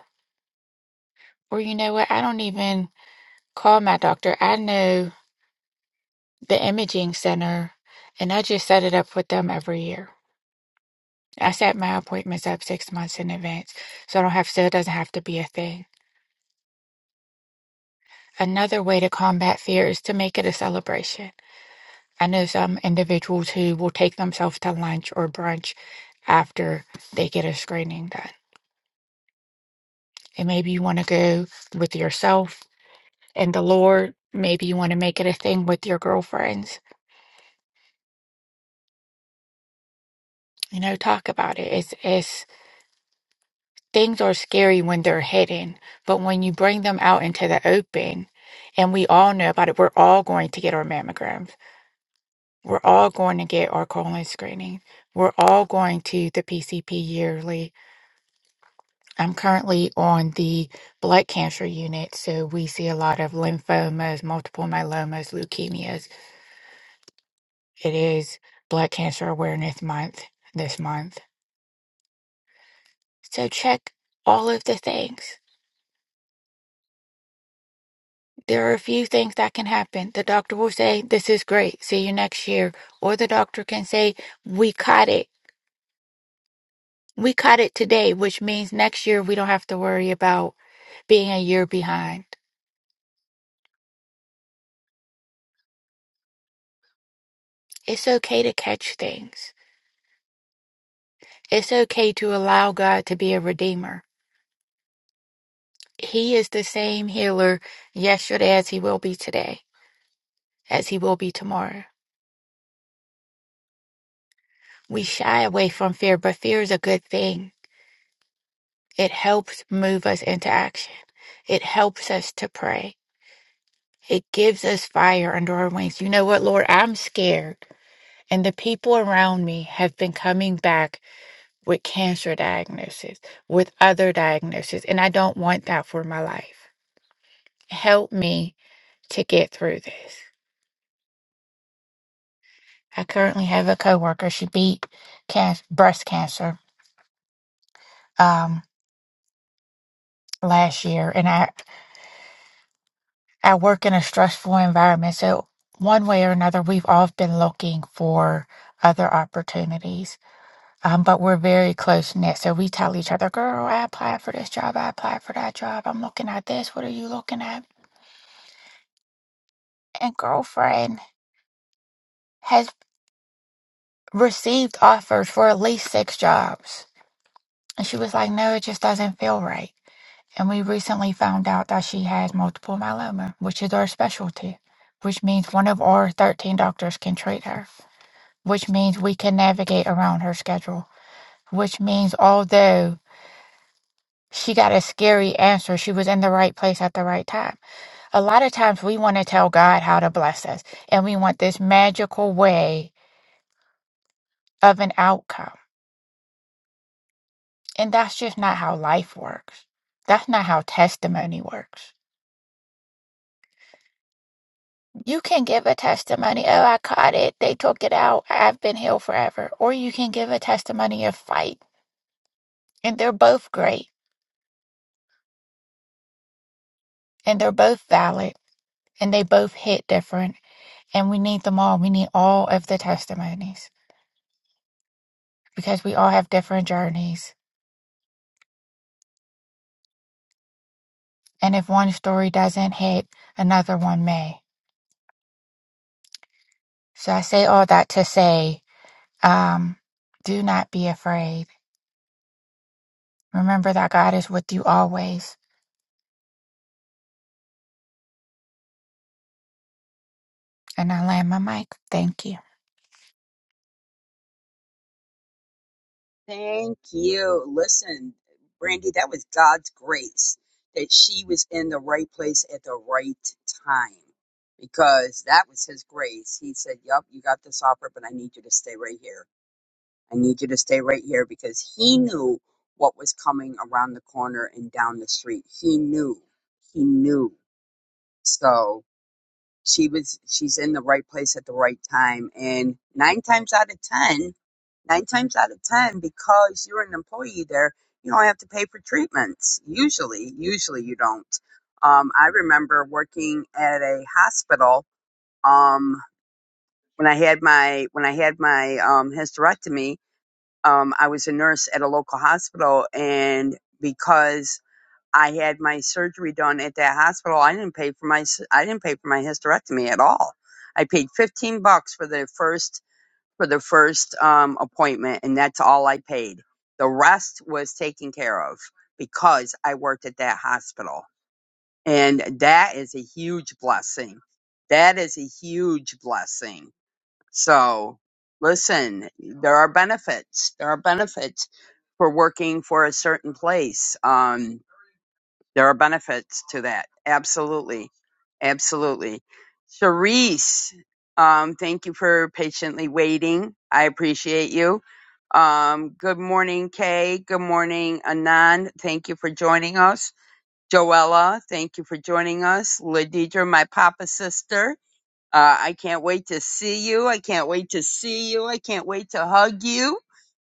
Or you know what? I don't even call my doctor. I know the imaging center and I just set it up with them every year. I set my appointments up six months in advance, so I don't have so it doesn't have to be a thing. Another way to combat fear is to make it a celebration. I know some individuals who will take themselves to lunch or brunch after they get a screening done. And maybe you want to go with yourself and the Lord. Maybe you want to make it a thing with your girlfriends. You know, talk about it. It's it's Things are scary when they're hidden, but when you bring them out into the open, and we all know about it, we're all going to get our mammograms. We're all going to get our colon screening. We're all going to the PCP yearly. I'm currently on the blood cancer unit, so we see a lot of lymphomas, multiple myelomas, leukemias. It is Blood Cancer Awareness Month this month. So check all of the things. There are a few things that can happen. The doctor will say, This is great. See you next year. Or the doctor can say, We caught it. We caught it today, which means next year we don't have to worry about being a year behind. It's okay to catch things. It's okay to allow God to be a redeemer. He is the same healer yesterday as he will be today, as he will be tomorrow. We shy away from fear, but fear is a good thing. It helps move us into action. It helps us to pray It gives us fire under our wings. You know what, Lord? I'm scared. And the people around me have been coming back with cancer diagnosis, with other diagnoses. And I don't want that for my life. Help me to get through this. I currently have a coworker. She beat can- breast cancer um, last year. And I, I work in a stressful environment. So, one way or another, we've all been looking for other opportunities Um, but we're very close knit. So we tell each other, girl, I applied for this job. I applied for that job. I'm looking at this. What are you looking at? And girlfriend has received offers for at least six jobs. And she was like, no, it just doesn't feel right. And we recently found out that she has multiple myeloma, which is our specialty, which means one of our 13 doctors can treat her, which means we can navigate around her schedule, which means although she got a scary answer, she was in the right place at the right time A lot of times we want to tell God how to bless us and we want this magical way of an outcome. And that's just not how life works. That's not how testimony works. You can give a testimony, oh, I caught it. They took it out. I've been healed forever. Or you can give a testimony of fight. And they're both great and they're both valid and they both hit different. And we need them all. We need all of the testimonies because we all have different journeys and if one story doesn't hit, another one may. So I say all that to say, um, do not be afraid. Remember that God is with you always. And I land my mic. Thank you.
Thank you. Listen, Brandy, that was God's grace that she was in the right place at the right time because that was His grace. He said, Yup, you got this offer, but I need you to stay right here. I need you to stay right here because He knew what was coming around the corner and down the street. He knew. He knew. So she was she's in the right place at the right time and nine times out of ten nine times out of ten because you're an employee there you don't have to pay for treatments usually usually you don't um, i remember working at a hospital um, when i had my when i had my um, hysterectomy um, i was a nurse at a local hospital and because I had my surgery done at that hospital. I didn't pay for my I I didn't pay for my hysterectomy at all. I paid fifteen bucks for the first for the first um, appointment, and that's all I paid. The rest was taken care of because I worked at that hospital, and that is a huge blessing. That is a huge blessing. So, listen, there are benefits. There are benefits for working for a certain place. Um, there are benefits to that. Absolutely. Absolutely. Charisse, um, thank you for patiently waiting. I appreciate you. Um, good morning, Kay. Good morning, Anand. Thank you for joining us. Joella, thank you for joining us. Ladidra, my Papa's sister. Uh, I can't wait to see you. I can't wait to see you. I can't wait to hug you.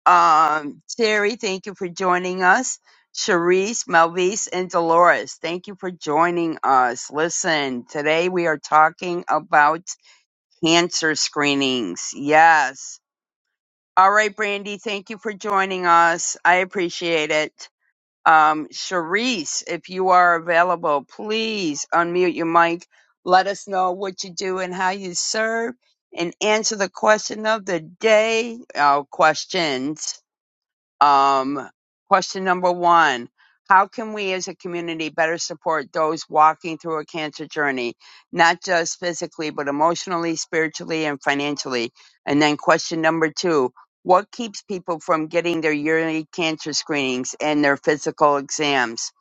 Um, Terry, thank you for joining us. Cherise, Melvise, and Dolores, thank you for joining us. Listen, today we are talking about cancer screenings. Yes. All right, Brandy, thank you for joining us. I appreciate it. Um, Cherise, if you are available, please unmute your mic. Let us know what you do and how you serve and answer the question of the day. Uh, questions. Um, question number one How can we as a community better support those walking through a cancer journey, not just physically, but emotionally, spiritually, and financially? And then question number two What keeps people from getting their yearly cancer screenings and their physical exams?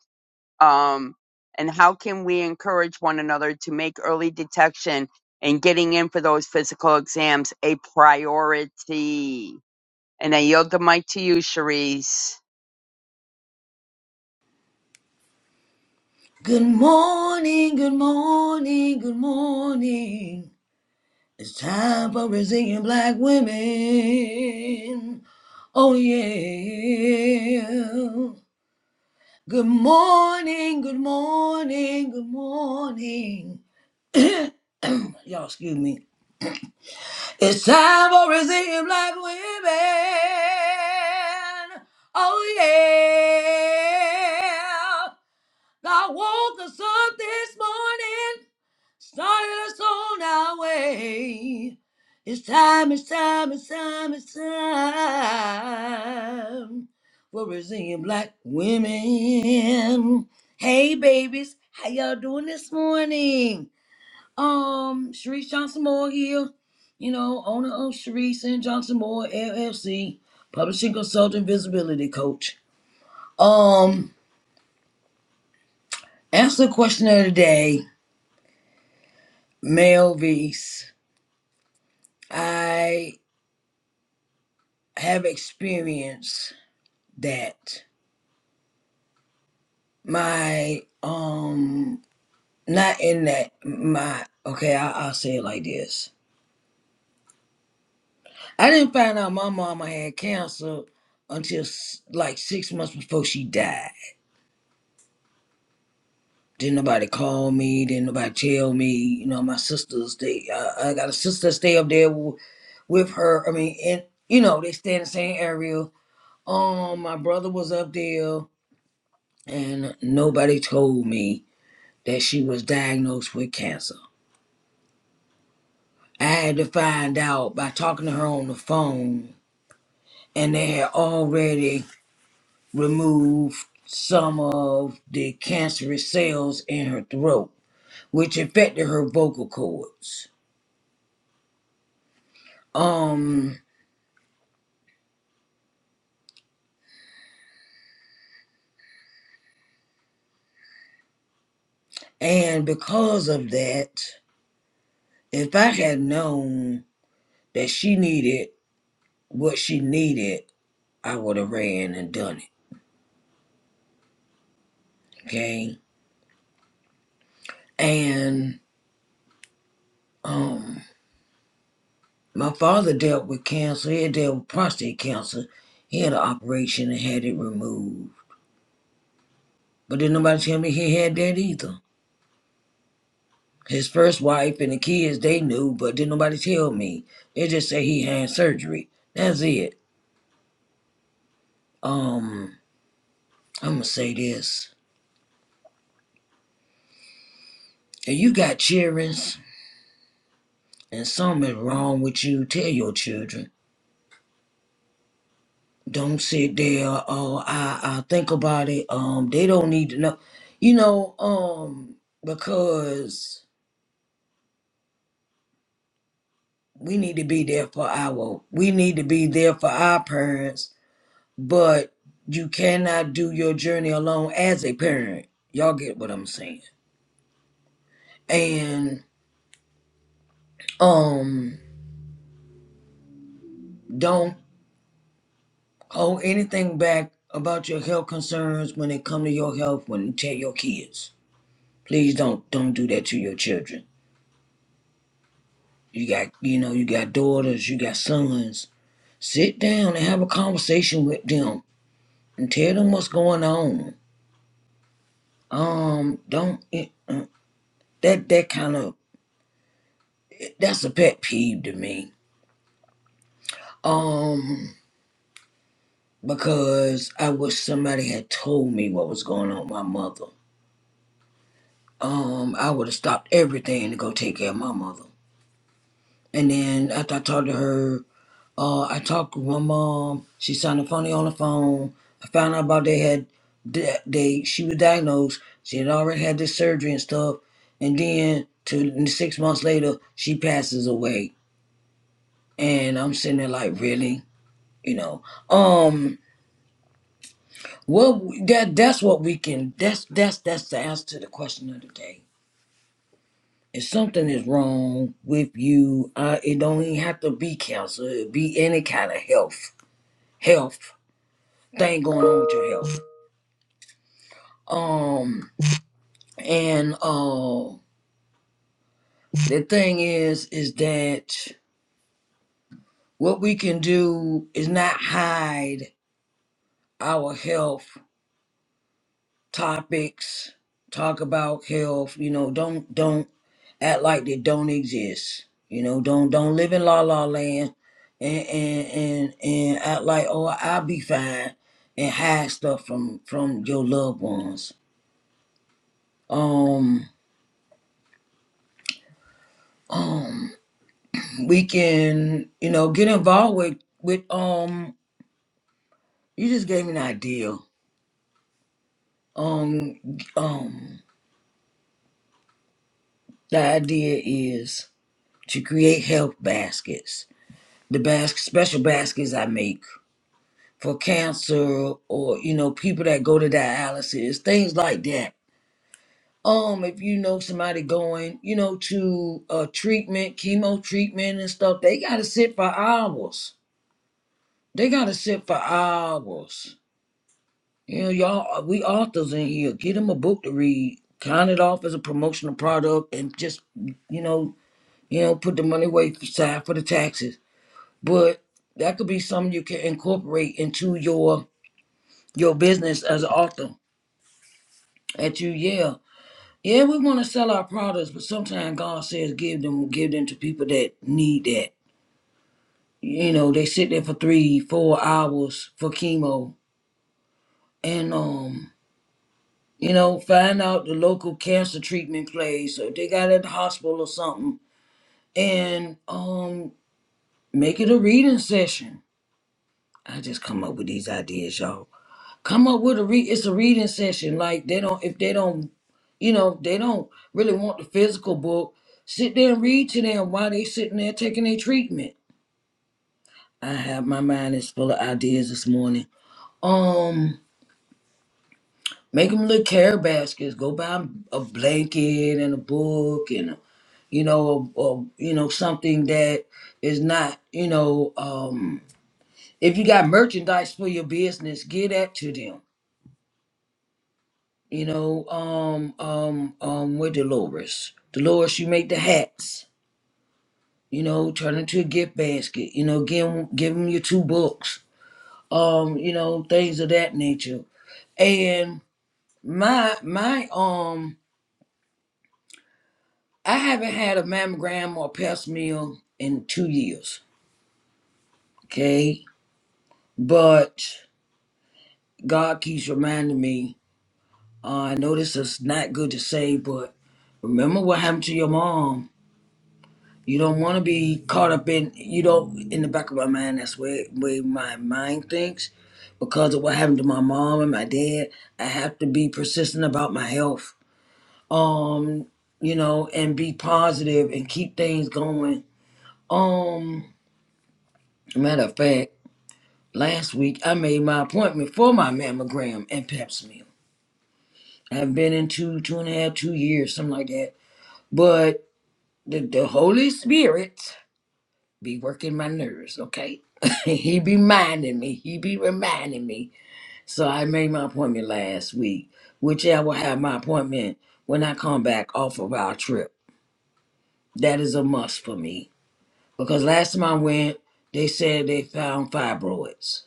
Um, and how can we encourage one another to make early detection and getting in for those physical exams a priority? And I yield the mic to you, Cherise.
Good morning, good morning, good morning. It's time for resilient black women. Oh, yeah. Good morning, good morning, good morning. Y'all, excuse me. It's time for resilient black women. Oh, yeah. God woke us up this morning, started us on our way. It's time, it's time, it's time, it's time for Brazilian black women. Hey babies, how y'all doing this morning? Um, Sharice Johnson Moore here, you know, owner of Sharice and Johnson Moore LLC, publishing consultant, visibility coach. Um, answer the question of the day Melvis, I have experienced that my um not in that my okay I, I'll say it like this. I didn't find out my mama had cancer until s- like six months before she died. Didn't nobody call me. Didn't nobody tell me. You know, my sisters. They uh, I got a sister that stay up there w- with her. I mean, and you know they stay in the same area. Um, my brother was up there. and nobody told me that she was diagnosed with cancer. I had to find out by talking to her on the phone, and they had already removed some of the cancerous cells in her throat, which affected her vocal cords. Um, and because of that, if I had known that she needed what she needed, I would have ran and done it. Okay, and um. My father dealt with cancer. He had dealt with prostate cancer. He had an operation and had it removed. But didn't nobody tell me he had that either. His first wife and the kids, they knew, but didn't nobody tell me. They just say he had surgery. That's it. Um, I'm gonna say this. If you got children and something wrong with you, tell your children. Don't sit there, oh, I, I think about it. Um, they don't need to know. You know, um, because we need to be there for our we need to be there for our parents but you cannot do your journey alone as a parent y'all get what i'm saying and um don't hold anything back about your health concerns when it come to your health when you tell your kids please don't don't do that to your children you got you know you got daughters you got sons sit down and have a conversation with them and tell them what's going on um don't eh, uh, that that kind of that's a pet peeve to me um because i wish somebody had told me what was going on with my mother um i would have stopped everything to go take care of my mother and then after i talked to her uh i talked with my mom she sounded funny on the phone i found out about they had they she was diagnosed she had already had this surgery and stuff and then to six months later she passes away and i'm sitting there like really you know um well that that's what we can that's that's that's the answer to the question of the day if something is wrong with you uh it don't even have to be cancer it be any kind of health health thing going on with your health um and uh the thing is is that what we can do is not hide our health topics, talk about health, you know, don't don't act like they don't exist. You know, don't don't live in la la land and and and, and act like oh I'll be fine and hide stuff from from your loved ones. Um um we can, you know, get involved with with um you just gave me an idea. Um um the idea is to create health baskets the bas- special baskets I make for cancer or you know people that go to dialysis, things like that. Um, if you know somebody going, you know, to uh treatment, chemo treatment and stuff, they gotta sit for hours. They gotta sit for hours. You know, y'all, uh, we authors in here. Get them a book to read. Count it off as a promotional product, and just you know, you know, put the money away aside for the taxes. But that could be something you can incorporate into your your business as an author at you yeah yeah we want to sell our products but sometimes god says give them give them to people that need that you know they sit there for three four hours for chemo and um you know find out the local cancer treatment place or if they got at the hospital or something and um make it a reading session i just come up with these ideas y'all come up with a read it's a reading session like they don't if they don't you know they don't really want the physical book sit there and read to them while they sitting there taking their treatment i have my mind is full of ideas this morning um make them little care baskets go buy a blanket and a book and a, you know or, you know something that is not you know um if you got merchandise for your business give that to them You know, um, um, um, with Dolores. Dolores, you make the hats. You know, turn into a gift basket. You know, give 'em give 'em your two books. Um, you know, things of that nature. And my my um, I haven't had a mammogram or pap smear in two years. Okay, but God keeps reminding me. Uh, I know this is not good to say, but remember what happened to your mom You don't want to be caught up in you don't in the back of my mind. That's where where my mind thinks because of what happened to my mom and my dad. I have to be persistent about my health. Um, you know, and be positive and keep things going. Um, matter of fact, last week I made my appointment for my mammogram and Pap smear. I haven't been in two, two and a half, two years, something like that. But the, the Holy Spirit. be working my nerves, okay? he be minding me. He be reminding me. So I made my appointment last week, which I will have my appointment when I come back off of our trip. That is a must for me. Because last time I went, they said they found fibroids.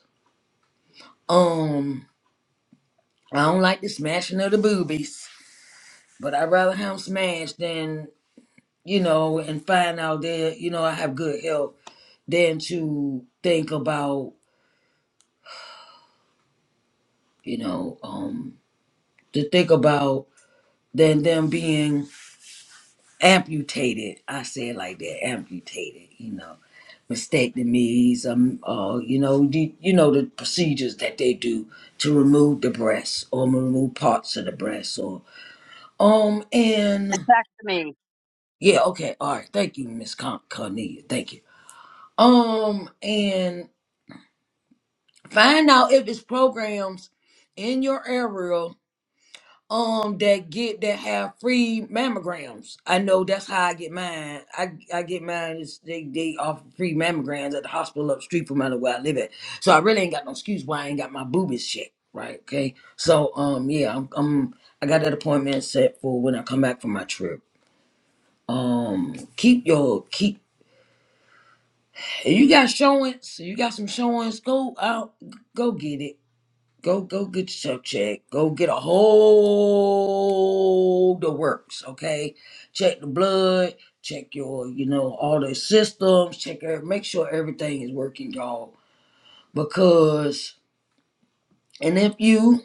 Um, I don't like the smashing of the boobies, but I'd rather have them smashed than, you know, and find out that, you know, I have good health than to think about, you know, um, to think about than them being amputated. I say it like that, amputated, you know, mastectomies, um, uh, you know, the, you know the procedures that they do to remove the breast or remove parts of the breast or um and
back to me.
yeah, okay, all right, thank you, Miss Con- Cornelia, thank you. Um and find out if it's programs in your area um that get that have free mammograms. I know that's how I get mine. I I get mine is they they offer free mammograms at the hospital up the street from under where I live at. So I really ain't got no excuse why I ain't got my boobies checked. Right, okay. So um yeah, I'm, I'm I got that appointment set for when I come back from my trip. Um keep your keep you got showings, you got some showings, go out go get it. Go, go get yourself checked. Go get a whole the works, okay? Check the blood, check your, you know, all the systems, check every, make sure everything is working, y'all. Because, and if you,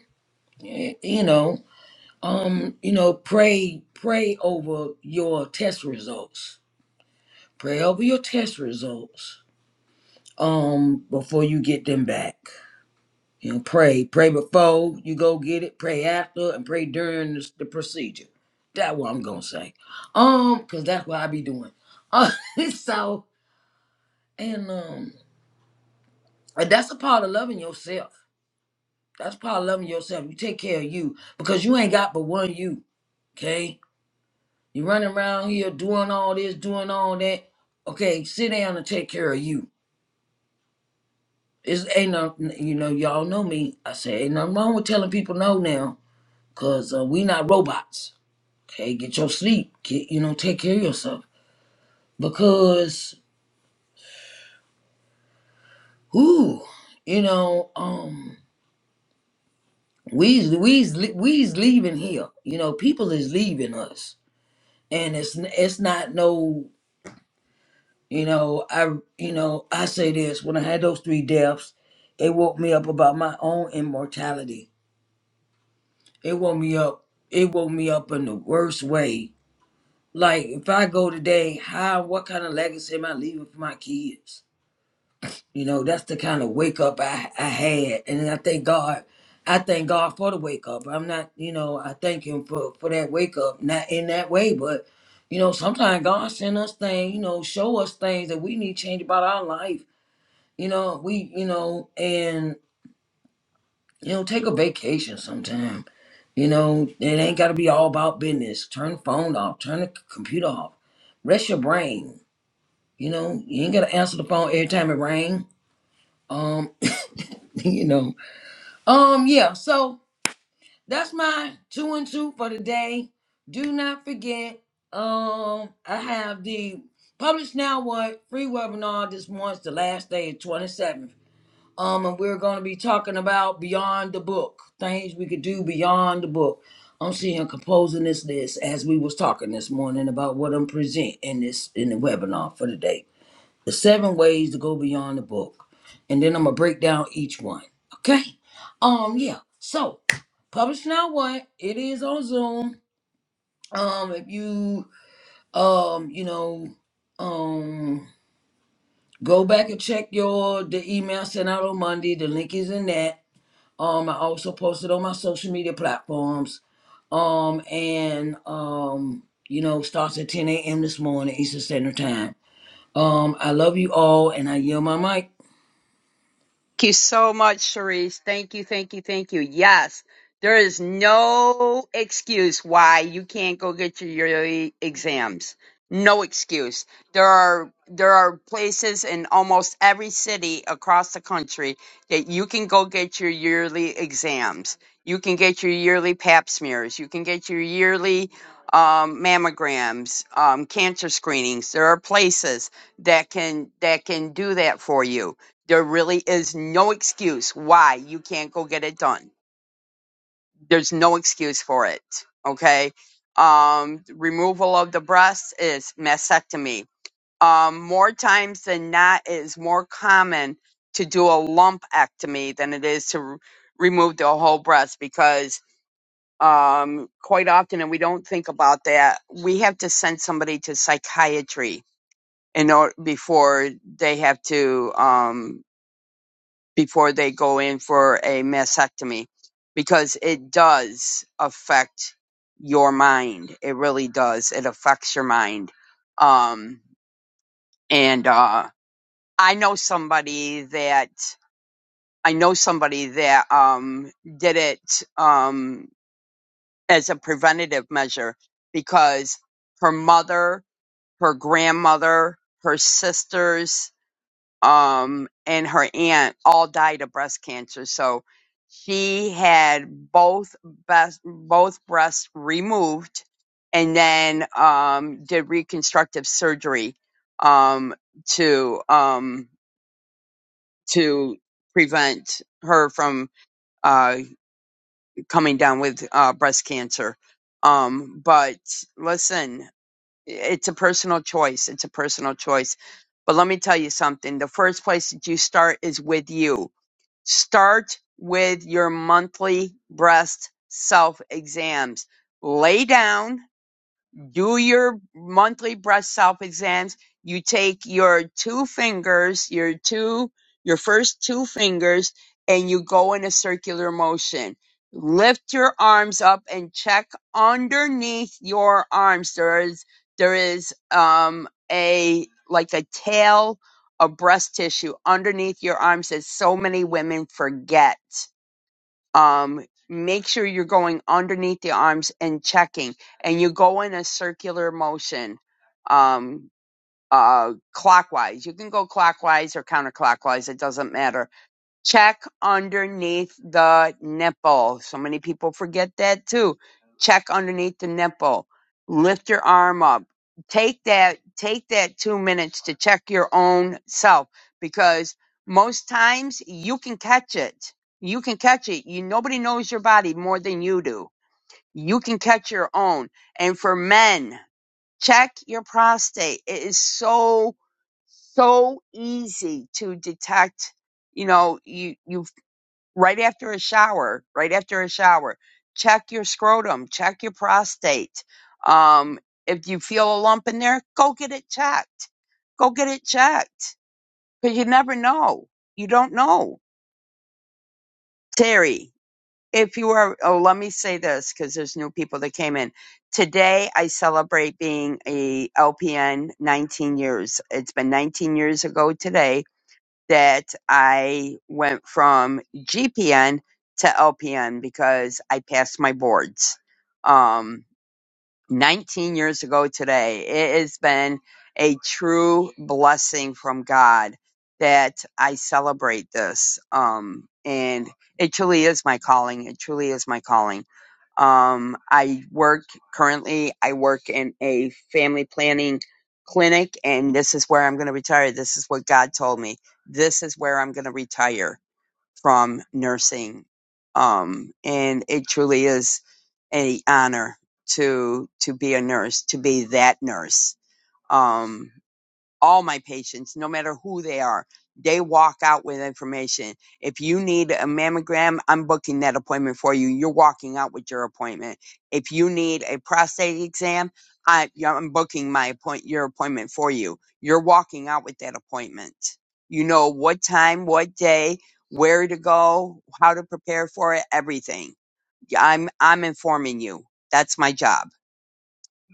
eh, you know, um, you know, pray, pray over your test results. Pray over your test results, um, before you get them back. You know, pray. Pray before you go get it, pray after, and pray during the, the procedure. That's what I'm gonna say. Um, cause that's what I be doing. Uh, so and um and that's a part of loving yourself. That's part of loving yourself. You take care of you because you ain't got but one you. Okay? You running around here doing all this, doing all that. Okay, sit down and take care of you. It's ain't no you know, y'all know me. I say ain't nothing wrong with telling people no now, cause uh, we not robots hey, get your sleep, get you know, take care of yourself because who, you know, um, we's we's we's leaving here. You know, people is leaving us, and it's it's not no, you know, I you know, I say this when I had those three deaths, it woke me up about my own immortality. It woke me up. It woke me up in the worst way. Like if I go today, how what kind of legacy am I leaving for my kids? You know, that's the kind of wake up I, I had. And I thank God. I thank God for the wake up. I'm not, you know, I thank him for, for that wake up. Not in that way, but you know, sometimes God send us things, you know, show us things that we need change about our life. You know, we, you know, and you know, take a vacation sometime. You know, it ain't gotta be all about business. Turn the phone off, turn the c- computer off. Rest your brain. You know, you ain't gotta answer the phone every time it rang. Um, you know. Um, yeah, so that's my two and two for the day. Do not forget, um, I have the Publish Now What free webinar this month, the last day, 27th. Um, and we're going to be talking about beyond the book, things we could do beyond the book. I'm seeing composing this list as we was talking this morning about what I'm presenting in this in the webinar for today the seven ways to go beyond the book. And then I'm gonna break down each one. Okay? Um, yeah. So publish now what? It is on Zoom. Um, if you um, you know, um go back and check your the email sent out on Monday, the link is in that. Um, I also posted on my social media platforms. Um, and um, you know, starts at 10 a.m. this morning, Eastern Standard Time. Um, I love you all and I yield my mic.
Thank you so much, Cherise. Thank you, thank you, thank you. Yes, there is no excuse why you can't go get your yearly exams. No excuse. There are there are places in almost every city across the country that you can go get your yearly exams. You can get your yearly pap smears. You can get your yearly um, mammograms, um, cancer screenings. There are places that can that can do that for you There really is no excuse why you can't go get it done. There's no excuse for it. Okay. Um, removal of the breast is mastectomy. Um, more times than not, it is more common to do a lumpectomy than it is to r- remove the whole breast because um, quite often, and we don't think about that, we have to send somebody to psychiatry in order before they have to. Um, before they go in for a mastectomy because it does affect your mind. It really does. It affects your mind. Um, and, uh, I know somebody that, I know somebody that, um, did it, um, as a preventative measure because her mother, her grandmother, her sisters, um, and her aunt all died of breast cancer. So she had both best, both breasts removed and then um, did reconstructive surgery um, to um, to prevent her from uh, coming down with uh, breast cancer. Um, but listen, it's a personal choice. It's a personal choice. But let me tell you something. The first place that you start is with you Start with your monthly breast self exams. Lay down do your monthly breast self exams. You take your two fingers, your two, your first two fingers, and you go in a circular motion. Lift your arms up and check underneath your arms. There is, there is, um, a, like a tail of breast tissue underneath your arms that so many women forget um, make sure you're going underneath the arms and checking, and you go in a circular motion um, uh, clockwise. You can go clockwise or counterclockwise; it doesn't matter check underneath the nipple. So many people forget that too. Check underneath the nipple. Lift your arm up. Take that, take that two minutes to check your own self because most times you can catch it. You can catch it. You, nobody knows your body more than you do. You can catch your own. And for men, check your prostate. It is so so easy to detect you know you you right after a shower, right after a shower, check your scrotum, check your prostate. Um, if you feel a lump in there, go get it checked. Go get it checked because you never know. You don't know. Terry, if you are, oh, let me say this because there's new people that came in. Today, I celebrate being a LPN 19 years. It's been 19 years ago today that I went from GPN to LPN because I passed my boards. Um, 19 years ago today. It has been a true blessing from God that I celebrate this. Um, and it truly is my calling. It truly is my calling. Um, I work currently, I work in a family planning clinic, and this is where I'm going to retire. This is what God told me. This is where I'm going to retire from nursing. Um, and it truly is an honor to to be a nurse, to be that nurse. Um, all my patients, no matter who they are, they walk out with information. If you need a mammogram, I'm booking that appointment for you. You're walking out with your appointment. If you need a prostate exam, I, yeah, I'm booking my appoint, your appointment for you. You're walking out with that appointment. You know what time, what day, where to go, how to prepare for it, everything. Yeah, I'm, I'm informing you. That's my job.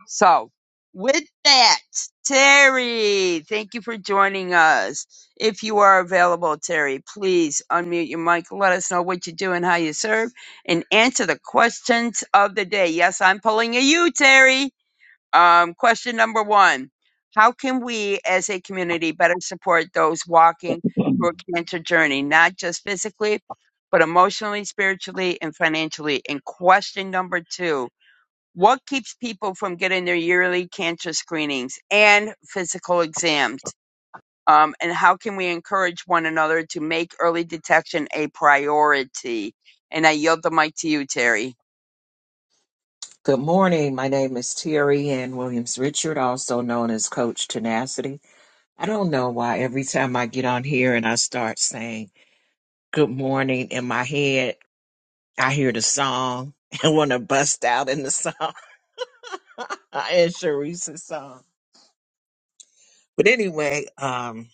So, with that, Terry, thank you for joining us. If you are available, Terry, please unmute your mic. Let us know what you do and how you serve, and answer the questions of the day. Yes, I'm pulling a you, Terry. Um, question number one: How can we, as a community, better support those walking through a cancer journey, not just physically, but emotionally, spiritually, and financially? And question number two what keeps people from getting their yearly cancer screenings and physical exams? Um, and how can we encourage one another to make early detection a priority? And I yield the mic to you, Terry.
Good morning. My name is Terry Ann Williams Richard, also known as Coach Tenacity. I don't know why every time I get on here and I start saying good morning in my head, I hear the song and want to bust out in the song and Sharice's song. But anyway, um,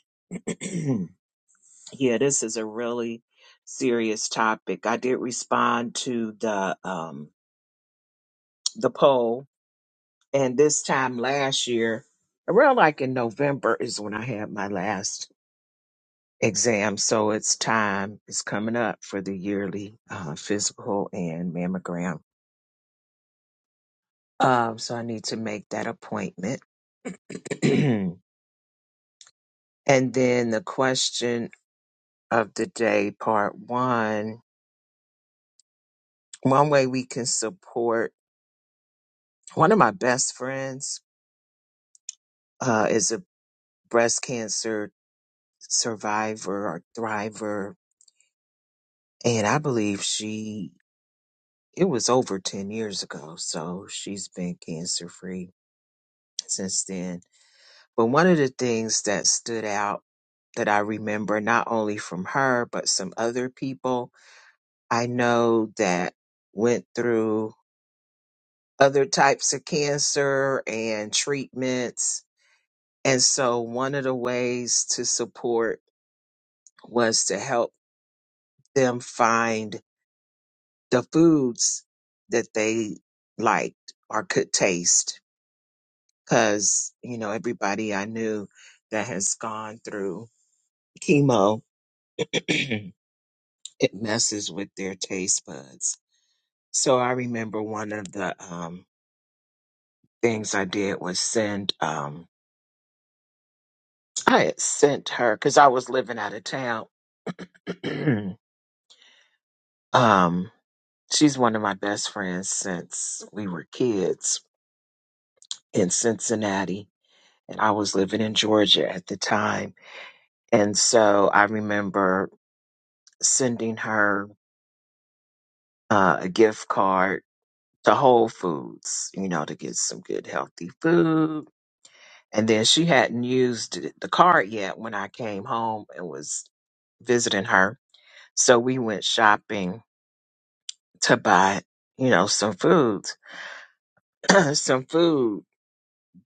yeah, this is a really serious topic. I did respond to the um, the poll And this time last year, around like in November is when I had my last exam. So it's time, it's coming up for the yearly uh, physical and mammogram. Um, so I need to make that appointment. and then the question of the day, part one one way we can support one of my best friends uh, is a breast cancer survivor or thriver. And I believe she it was over 10 years ago, so she's been cancer free since then. But one of the things that stood out that I remember, not only from her, but some other people I know that went through other types of cancer and treatments. And so one of the ways to support was to help them find the foods that they liked or could taste because you know everybody I knew that has gone through chemo, it messes with their taste buds. So I remember one of the um, things I did was send. Um, I had sent her because I was living out of town. um, she's one of my best friends since we were kids in Cincinnati, and I was living in Georgia at the time. And so I remember sending her uh, a gift card to Whole Foods, you know, to get some good healthy food. And then she hadn't used it- the card yet when I came home and was visiting her. So we went shopping to buy, you know, some food, some food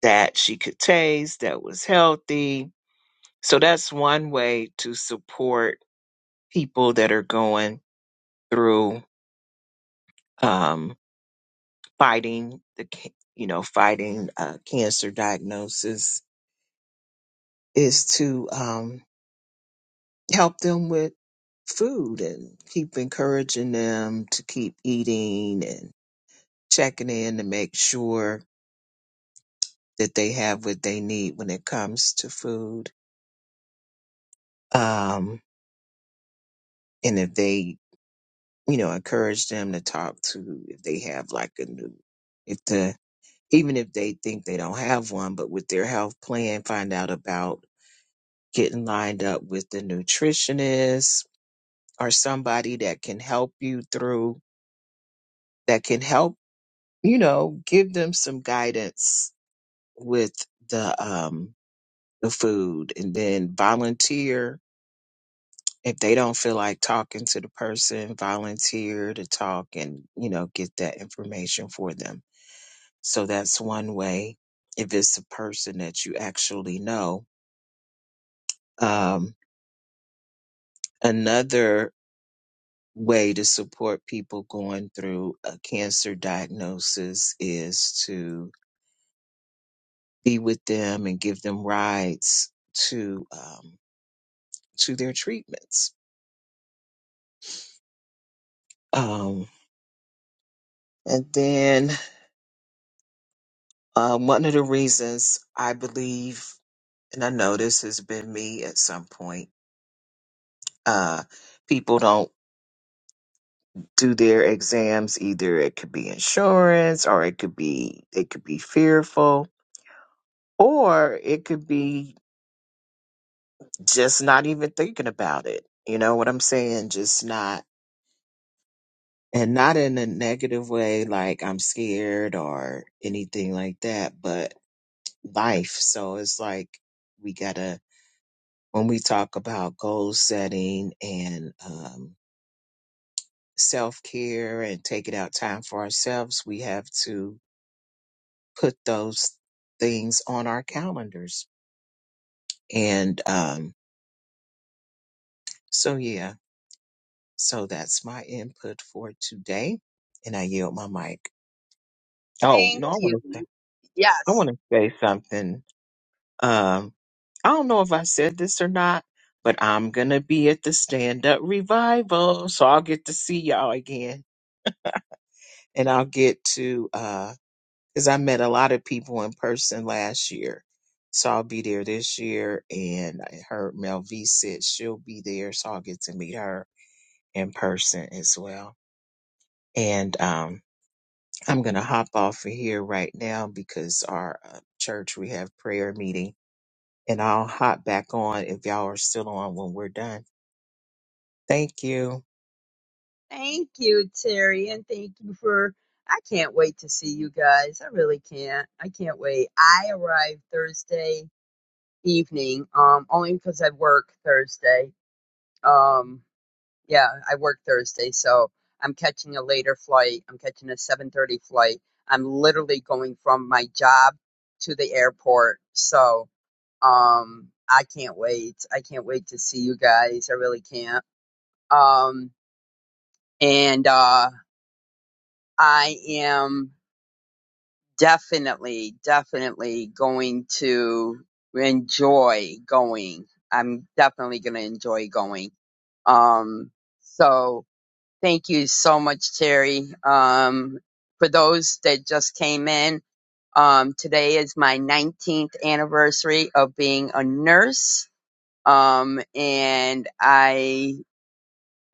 that she could taste that was healthy. So that's one way to support people that are going through um, fighting the, ca- you know, fighting uh, cancer diagnosis is to um, help them with food and keep encouraging them to keep eating and checking in to make sure that they have what they need when it comes to food. Um, and if they, you know, encourage them to talk to if they have like a new, if the, even if they think they don't have one, but with their health plan, find out about getting lined up with the nutritionist or somebody that can help you through, that can help you know, give them some guidance with the um the food and then volunteer if they don't feel like talking to the person, volunteer to talk and, you know, get that information for them. So that's one way if it's a person that you actually know. Um another way to support people going through a cancer diagnosis is to be with them and give them rides to um, to their treatments. Um, and then uh, one of the reasons I believe, and I know this has been me at some point, uh, people don't do their exams. Either it could be insurance, or it could be they could be fearful, or it could be just not even thinking about it. You know what I'm saying? Just not. And not in a negative way, like I'm scared or anything like that, but life. So it's like we gotta when we talk about goal setting and um, self care and taking out time for ourselves, we have to put those things on our calendars. And um, so yeah, so that's my input for today, and I yield my mic. Oh
Thank
no, I want
you.
to say I
Yes.
want to say something Um, I don't know if I said this or not, but I'm going to be at the stand up revival. So I'll get to see y'all again and I'll get to, uh, cause I met a lot of people in person last year. So I'll be there this year. And I heard Mel V said she'll be there. So I'll get to meet her in person as well. And, um, I'm going to hop off of here right now because our uh, church, we have prayer meeting and I'll hop back on if y'all are still on when we're done. Thank you.
Thank you, Terry. And thank you for. I can't wait to see you guys. I really can't. I can't wait. I arrived Thursday evening, um, only because I work Thursday. Um, Yeah, I work Thursday, so I'm catching a later flight. I'm catching a 7:30 flight. I'm literally going from my job to the airport. So, um I can't wait. I can't wait to see you guys. I really can't. Um and uh I am definitely definitely going to enjoy going. I'm definitely going to enjoy going. Um, so Thank you so much, Terry. Um, for those that just came in, um, today is my 19th anniversary of being a nurse. Um, and I,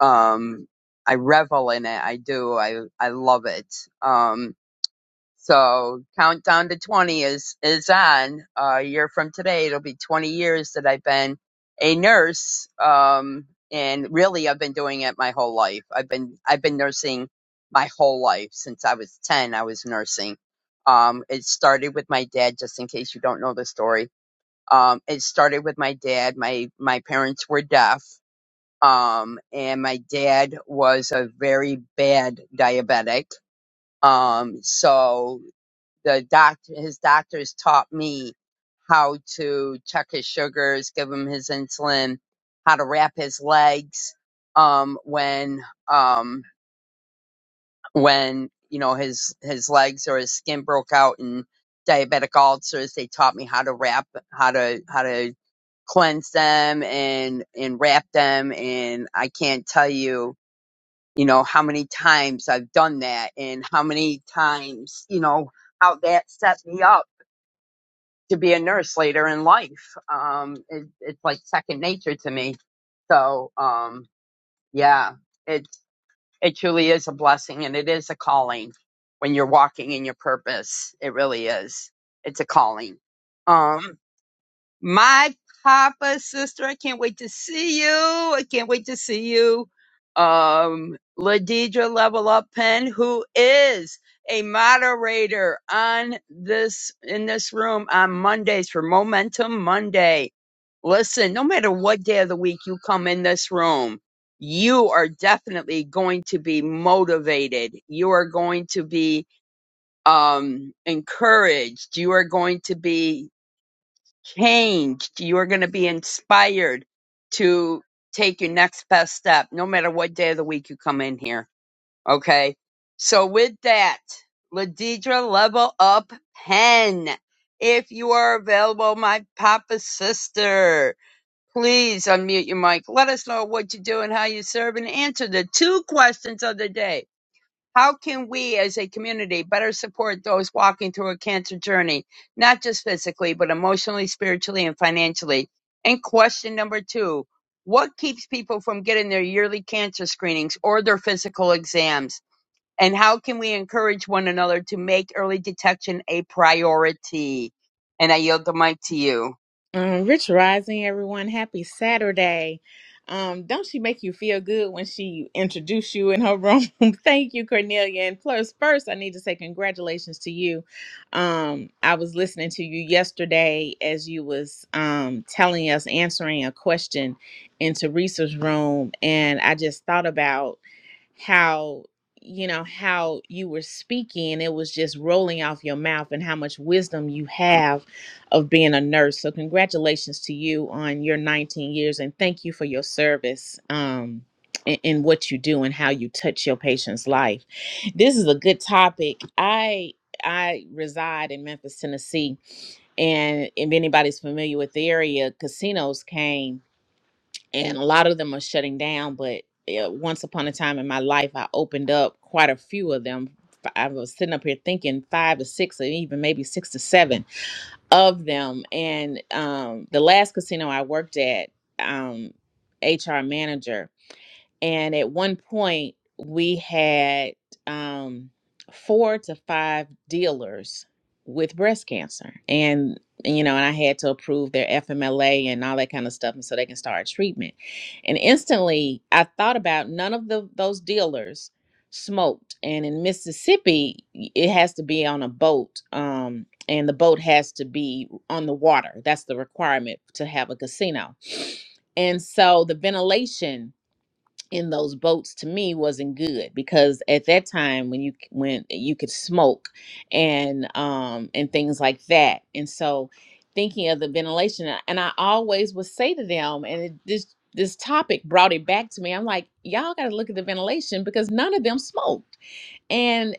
um, I revel in it. I do. I, I love it. Um, so countdown to 20 is is on. Uh, a year from today, it'll be 20 years that I've been a nurse. Um, and really, I've been doing it my whole life. I've been I've been nursing my whole life since I was 10. I was nursing. Um, it started with my dad. Just in case you don't know the story, um, it started with my dad. My my parents were deaf. Um, and my dad was a very bad diabetic. Um, so the doctor, his doctors taught me how to check his sugars, give him his insulin, how to wrap his legs, um, when, um, when, you know, his, his legs or his skin broke out in diabetic ulcers. They taught me how to wrap, how to, how to cleanse them and, and wrap them. And I can't tell you, you know, how many times I've done that and how many times, you know, how that set me up to be a nurse later in life. Um, it, it's like second nature to me. So, um, yeah, it it truly is a blessing, and it is a calling when you're walking in your purpose. It really is. It's a calling. Um, my papa, sister, I can't wait to see you. I can't wait to see you. Um, Ladidra Level Up Pen, who is a moderator on this in this room on Mondays for Momentum Monday. Listen, no matter what day of the week you come in this room, you are definitely going to be motivated. You are going to be um encouraged you are going to be changed. You're going to be inspired to take your next best step, no matter what day of the week you come in here. Okay. So with that, Ladidra level up pen. If you are available, my papa sister, please unmute your mic. Let us know what you do and how you serve and answer the two questions of the day how can we as a community better support those walking through a cancer journey, not just physically, but emotionally, spiritually, and financially? And question number two What keeps people from getting their yearly cancer screenings or their physical exams? And how can we encourage one another to make early detection a priority? And I yield the mic to you.
Um, Rich Rising, everyone. Happy Saturday. Um, don't she make you feel good when she introduce you in her room? Thank you, Cornelia. And plus, first, I need to say congratulations to you. Um, I was listening to you yesterday as you was um, telling us answering a question into Teresa's room, and I just thought about how you know how you were speaking it was just rolling off your mouth and how much wisdom you have of being a nurse so congratulations to you on your 19 years and thank you for your service um in, in what you do and how you touch your patient's life this is a good topic i i reside in memphis tennessee and if anybody's familiar with the area casinos came and a lot of them are shutting down. But uh, once upon a time in my life, I opened up quite a few of them. F- I was sitting up here thinking five to six, or even maybe six to seven of them. And um, the last casino I worked at, um, HR manager and at one point, we had um, four to five dealers with breast cancer. And, you know, and I had to approve their FMLA and all that kind of stuff. And so they can start treatment. And instantly, I thought about none of the, those dealers smoked. And in Mississippi, y- it has to be on a boat. Um, and the boat has to be on the water. That's the requirement to have a casino. And so the ventilation in those boats to me wasn't good because at that time when you when you could smoke and um and things like that and so thinking of the ventilation a- and i always would say to them and it, this this topic brought it back to me i'm like y'all got to look at the ventilation because none of them smoked and,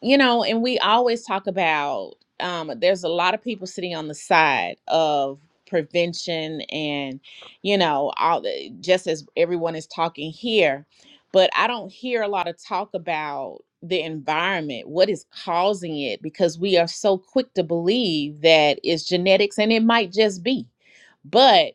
you know, and we always talk about um, there's a lot of people sitting on the side of prevention and, you know, all the, just as everyone is talking here, but I don't hear a lot of talk about the environment, what is causing it, because we are so quick to believe that it's genetics and it might just be. but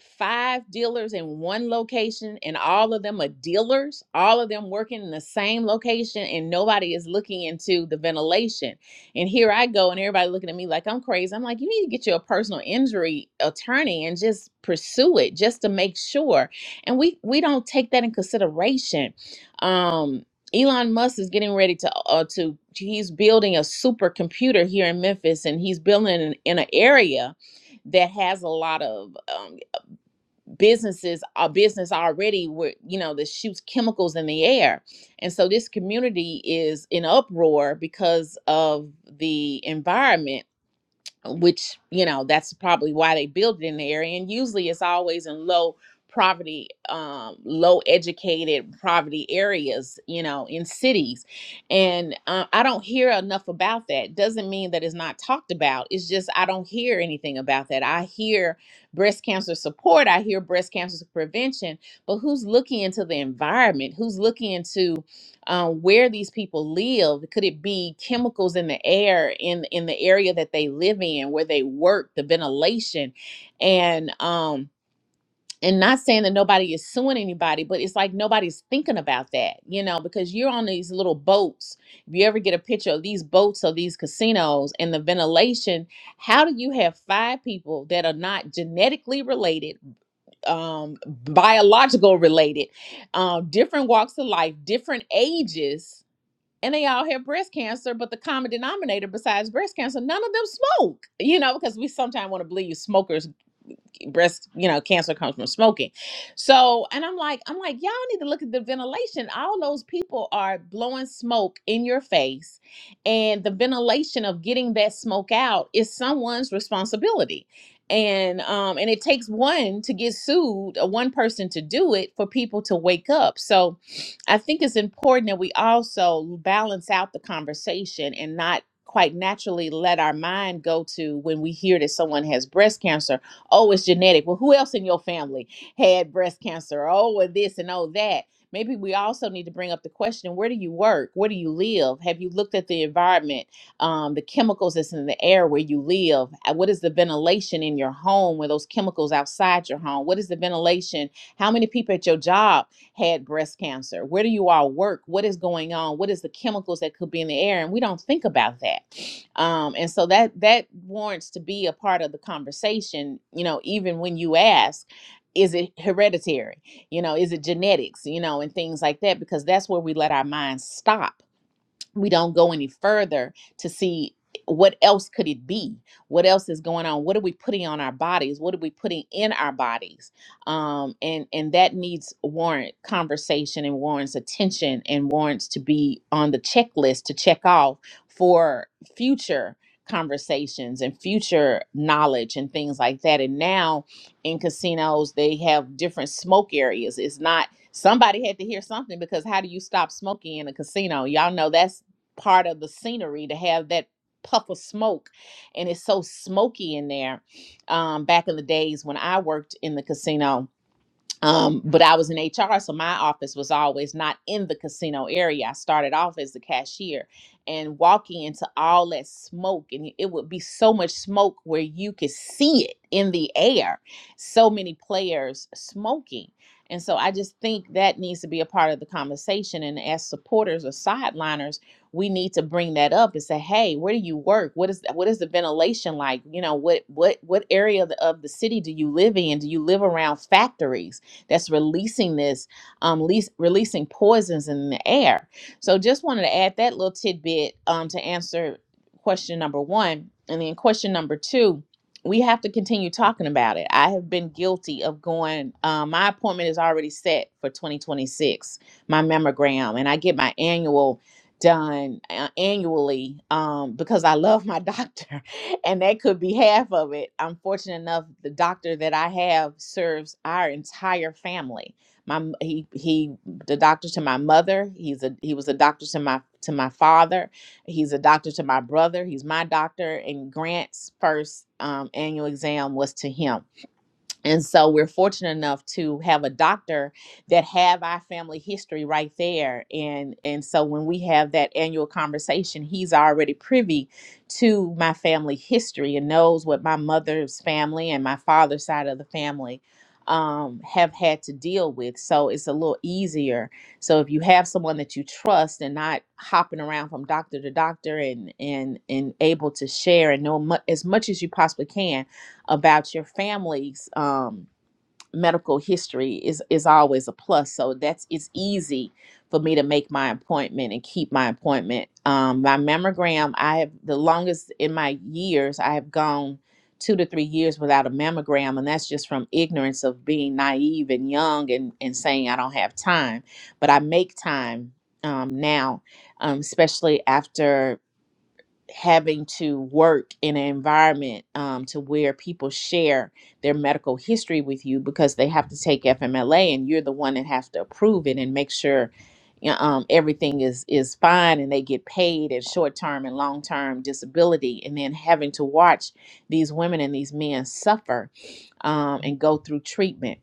five dealers in one location and all of them are dealers all of them working in the same location and nobody is looking into the ventilation and here i go and everybody looking at me like i'm crazy i'm like you need to get you a personal injury attorney and just pursue it just to make sure and we we don't take that in consideration um Elon Musk is getting ready to uh, to he's building a supercomputer here in Memphis and he's building in, in an area that has a lot of um, businesses a business already where you know that shoots chemicals in the air and so this community is in uproar because of the environment which you know that's probably why they build it in the area and usually it's always in low poverty um low educated poverty areas you know in cities and uh, i don't hear enough about that doesn't mean that it's not talked about it's just i don't hear anything about that i hear breast cancer support i hear breast cancer prevention but who's looking into the environment who's looking into um, where these people live. Could it be chemicals in the air in in the area that they live in, where they work, the ventilation, and um, and not saying that nobody is suing anybody, but it's like nobody's thinking about that, you know, because you're on these little boats. If you ever get a picture of these boats or these casinos and the ventilation, how do you have five people that are not genetically related, um, biological related, um, different walks of life, different ages? and they all have breast cancer, but the common denominator besides breast cancer, none of them smoke. You know, because we sometimes want to believe smokers breast you know cancer comes from smoking so and i'm like i'm like y'all need to look at the ventilation all those people are blowing smoke in your face and the ventilation of getting that smoke out is someone's responsibility and um and it takes one to get sued uh, one person to do it for people to wake up so i think it's important that we also balance out the conversation and not quite naturally let our mind go to when we hear that someone has breast cancer Oh, it's genetic. Well, who else in your family had breast cancer? Oh, and this and oh that. Maybe we also need to bring up the question: Where do you work? Where do you live? Have you looked at the environment, um, the chemicals that's in the air where you live? Uh, What is the ventilation in your home? Were those chemicals outside your home? What is the ventilation? How many people at your job? had breast cancer? Where do you all work? What is going on? What is the chemicals that could be in the air? And we don't think about that. Um, and so that that warrants to be a part of the conversation, you know, even when you ask, is it hereditary? You know, is it genetics, you know, and things like that, because that's where we let our minds stop we don't go any further to see what else could it be what else is going on what are we putting on our bodies what are we putting in our bodies um and and that needs warrant conversation and warrants attention and warrants to be on the checklist to check off for future conversations and future knowledge and things like that and now in casinos they have different smoke areas it's not somebody had to hear something because how do you stop smoking in a casino y'all know that's part of the scenery to have that puff of smoke and it's so smoky in there um back in the days when i worked in the casino um, but I was in HR, so my office was always not in the casino area. I started off as the cashier and walking into all that smoke, and it would be so much smoke where you could see it in the air. So many players smoking. And so I just think that needs to be a part of the conversation. And as supporters or sideliners, we need to bring that up and say, hey, where do you work? What is what is the ventilation like? You know, what what what area of the, of the city do you live in? Do you live around factories? that's releasing this, um, leas- releasing poisons in the air. So just wanted to add that little tidbit um, to answer question number one. And then question number two, we have to continue talking about it. I have been guilty of going, um, my appointment is already set for 2026, my mammogram, and I get my annual done uh, annually um, because I love my doctor. and that could be half of it. I'm fortunate enough the doctor that I have serves our entire family. My m- he he the doctor to my mother, he's a he was a doctor to my to my father, he's a doctor to my brother, he's my doctor and Grant's first um, annual exam was to him and so we're fortunate enough to have a doctor that have our family history right there and and so when we have that annual conversation he's already privy to my family history and knows what my mother's family and my father's side of the family um, have had to deal with so it's a little easier so if you have someone that you trust and not hopping around from doctor to doctor and and and able to share and know mu- as much as you possibly can about your family's um, medical history is is always a plus. So that's it's easy for me to make my appointment and keep my appointment. Um, my mammogram, I have the longest in my years. I have gone two to three years without a mammogram, and that's just from ignorance of being naive and young and and saying I don't have time. But I make time um, now, um, especially after having to work in an environment um, to where people share their medical history with you because they have to take FMLA and you're the one that has to approve it and make sure you know, um, everything is is fine and they get paid and short term and long term disability and then having to watch these women and these men suffer um, and go through treatment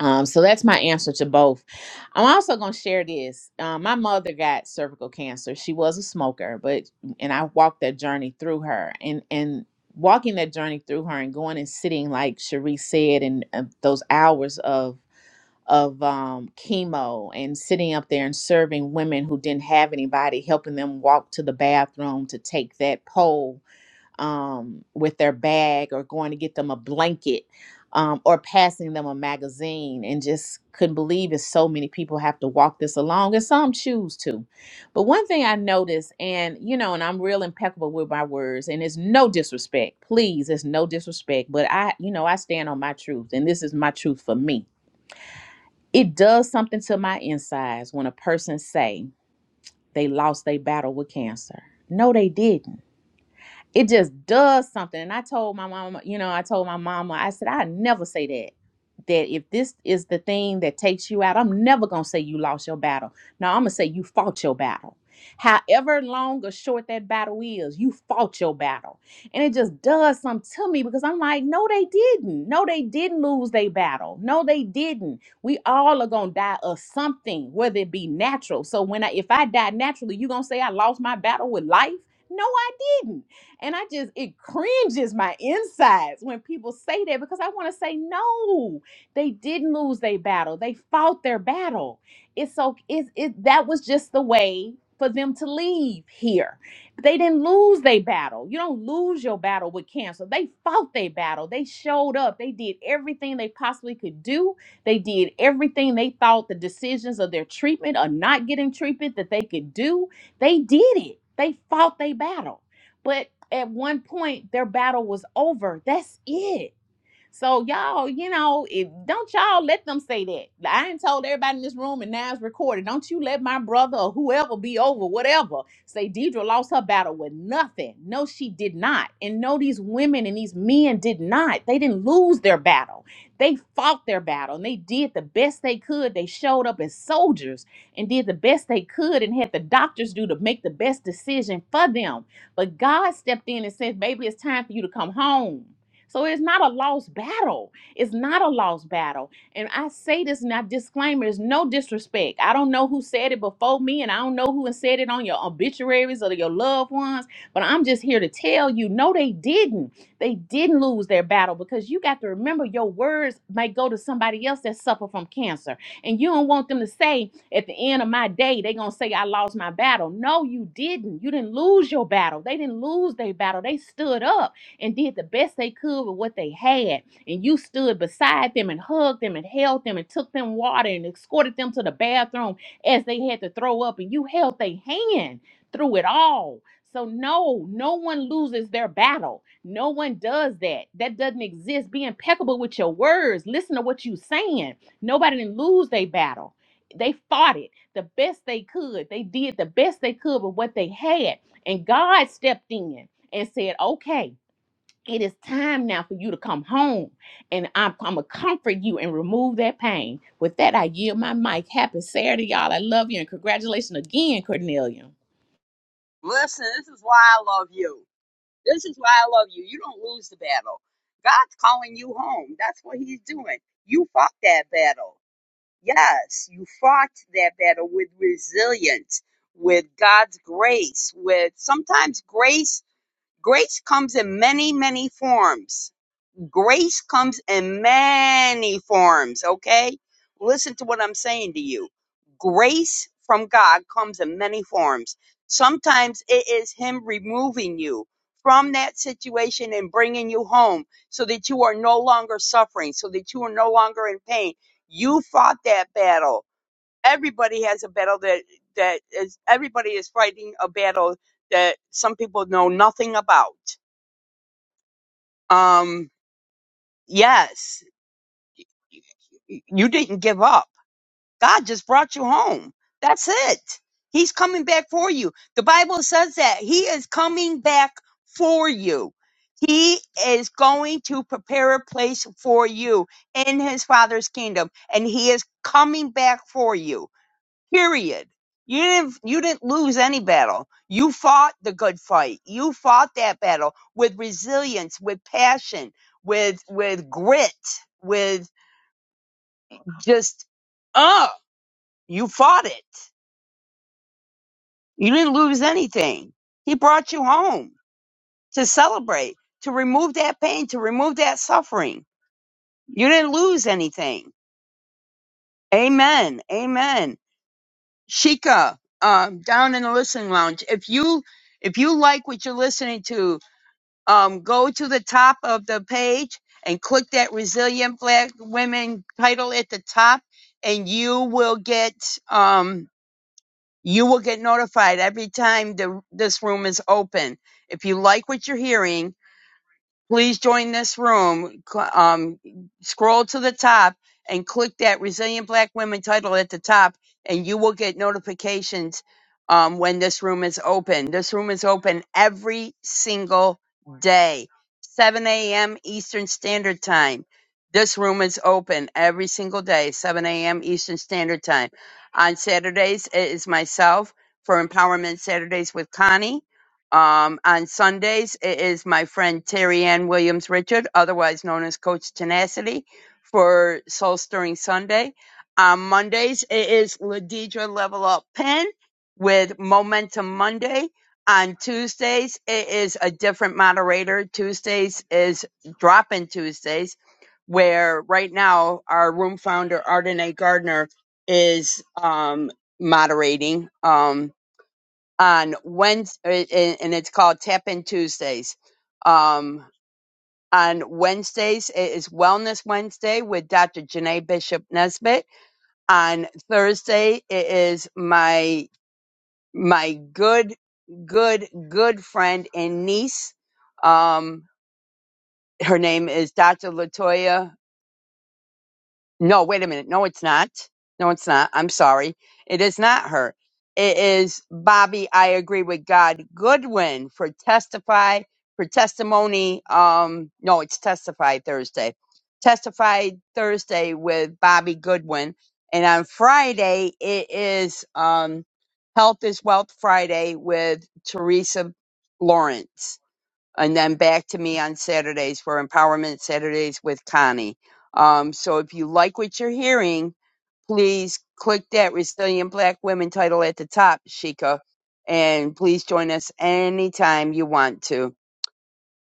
um, so that's my answer to both. I'm also going to share this. Um, my mother got cervical cancer. She was a smoker, but mm, and I walked that journey through her, and and walking that journey through her, and going and sitting like Cherie said, and uh, those hours of of um, chemo, and sitting up there and serving women who didn't have anybody, helping them walk to the bathroom to take that pole um, with their bag or going to get them a blanket um, or passing them a magazine and just couldn't believe it. So many people have to walk this along and some choose to. But one thing I noticed, and you know, and I'm real impeccable with my words, and it's no disrespect, please, it's no disrespect, but I, you know, I stand on my truth and this is my truth for me. It does something to my insides when a person say they lost their battle with cancer. No, they didn't it just does something. And I told my mama, you know, I told my mama, I said, I never say that. That if this is the thing that takes you out, I'm never gonna say you lost your battle. No, I'm gonna say you fought your battle. However long or short that battle is, you fought your battle. And it just does something to me because I'm like, no, they didn't. No, they didn't lose their battle. No, they didn't. We all are gonna die of something, whether it be natural. So when I if I die naturally, you gonna say I lost my battle with life? No, I didn't. And I just, it cringes my insides when people say that because I want to say, no, they didn't lose their battle. They fought their battle. It's so, it's, it, that was just the way for them to leave here. They didn't lose their battle. You don't lose your battle with cancer. They fought their battle. They showed up. They did everything they possibly could do. They did everything they thought the decisions of their treatment or not getting treatment that they could do. They did it. They fought their battle. But at one point their battle was over. That's it so y'all, you know, if don't y'all let them say that. I ain't told everybody in this room, and now it's recorded. Don't you let my brother or whoever be over, whatever, say Deidre lost her battle with nothing. No, she did not. And no, these women and these men did not. They didn't lose their battle. They fought their battle and they did the best they could. They showed up as soldiers and did the best they could and had the doctors do to make the best decision for them. But God stepped in and said, Baby, it's time for you to come home so it's not a lost battle. It's not a lost battle. And I say this now, disclaimer is no disrespect. I don't know who said it before me, and I don't know who said it on your obituaries or your loved ones, but I'm just here to tell you no, they didn't. They didn't lose their battle because you got to remember your words might go to somebody else that suffer from cancer. And you don't want them to say at the end of my day, they're going to say, I lost my battle. No, you didn't. You didn't lose your battle. They didn't lose their battle. They stood up and did the best they could with what they had. And you stood beside them and hugged them and held them and took them water and escorted them to the bathroom as they had to throw up. And you held their hand through it all. So, no, no one loses their battle. No one does that. That doesn't exist. Be impeccable with your words. Listen to what you're saying. Nobody didn't lose their battle. They fought it the best they could. They did the best they could with what they had. And God stepped in and said, okay it is time now for you to come home and I'm, I'm gonna comfort you and remove that pain. With that, I yield my mic. Happy Saturday, y'all. I love you and congratulations again, Cornelia.
Listen, this is why I love you. This is why I love you. You don't lose the battle. God's calling you home. That's what he's doing. You fought that battle. Yes, you fought that battle with resilience, with God's grace, with sometimes grace. Grace comes in many, many forms Grace comes in many forms, okay? Listen to what I'm saying to you. Grace from God comes in many forms. Sometimes it is Him removing you from that situation and bringing you home so that you are no longer suffering, so that you are no longer in pain. You fought that battle. Everybody has a battle that, that is, everybody is fighting a battle that some people know nothing about. Um, yes you didn't give up. God just brought you home. That's it. He's coming back for you. The Bible says that He is coming back for you. He is going to prepare a place for you in His Father's kingdom, and He is coming back for you. Period. You didn't, you didn't lose any battle. You fought the good fight. You fought that battle with resilience, with passion, with with grit, with just up. You fought it. You didn't lose anything. He brought you home to celebrate, to remove that pain, to remove that suffering. You didn't lose anything. Amen. Amen. Shika, um, down in the listening lounge. If you if you like what you're listening to, um, go to the top of the page and click that resilient black women title at the top, and you will get um You will get notified every time the, this room is open. If you like what you're hearing, please join this room. Cl- Um, scroll to the top and click that Resilient Black Women title at the top, and you will get notifications um, when this room is open. This room is open every single day, 7 a.m. Eastern Standard Time. This room is open every single day, 7 a.m. Eastern Standard Time. On Saturdays, it is myself for Empowerment Saturdays with Connie um, on Sundays, it is my friend Terry Ann Williams Richard, otherwise known as Coach Tenacity, for Soul Stirring Sunday. On Mondays, it is Ladidra Level Up Pen with Momentum Monday. On Tuesdays, it is a different moderator. Tuesdays is Drop In Tuesdays, where right now our room founder, Ardenae Gardner, is um, moderating. Um, on Wednesday, and it's called Tap In Tuesdays. Um, on Wednesdays, it is Wellness Wednesday with Dr. Janae Bishop Nesbitt. On Thursday, it is my my good, good, good friend and niece. Um, her name is Dr. Latoya No, wait a minute. No, it's not. No, it's not. I'm sorry. It is not her. It is Bobby. I agree with God Goodwin for testify for testimony. Um, no, it's testify Thursday. Testify Thursday with Bobby Goodwin, and on Friday it is um, Health is Wealth Friday with Teresa Lawrence and then back to me on Saturdays for Empowerment Saturdays with Connie. Um, so if you like what you're hearing, please click that Resilient Black Women title at the top, Sheikah, and please join us anytime you want to.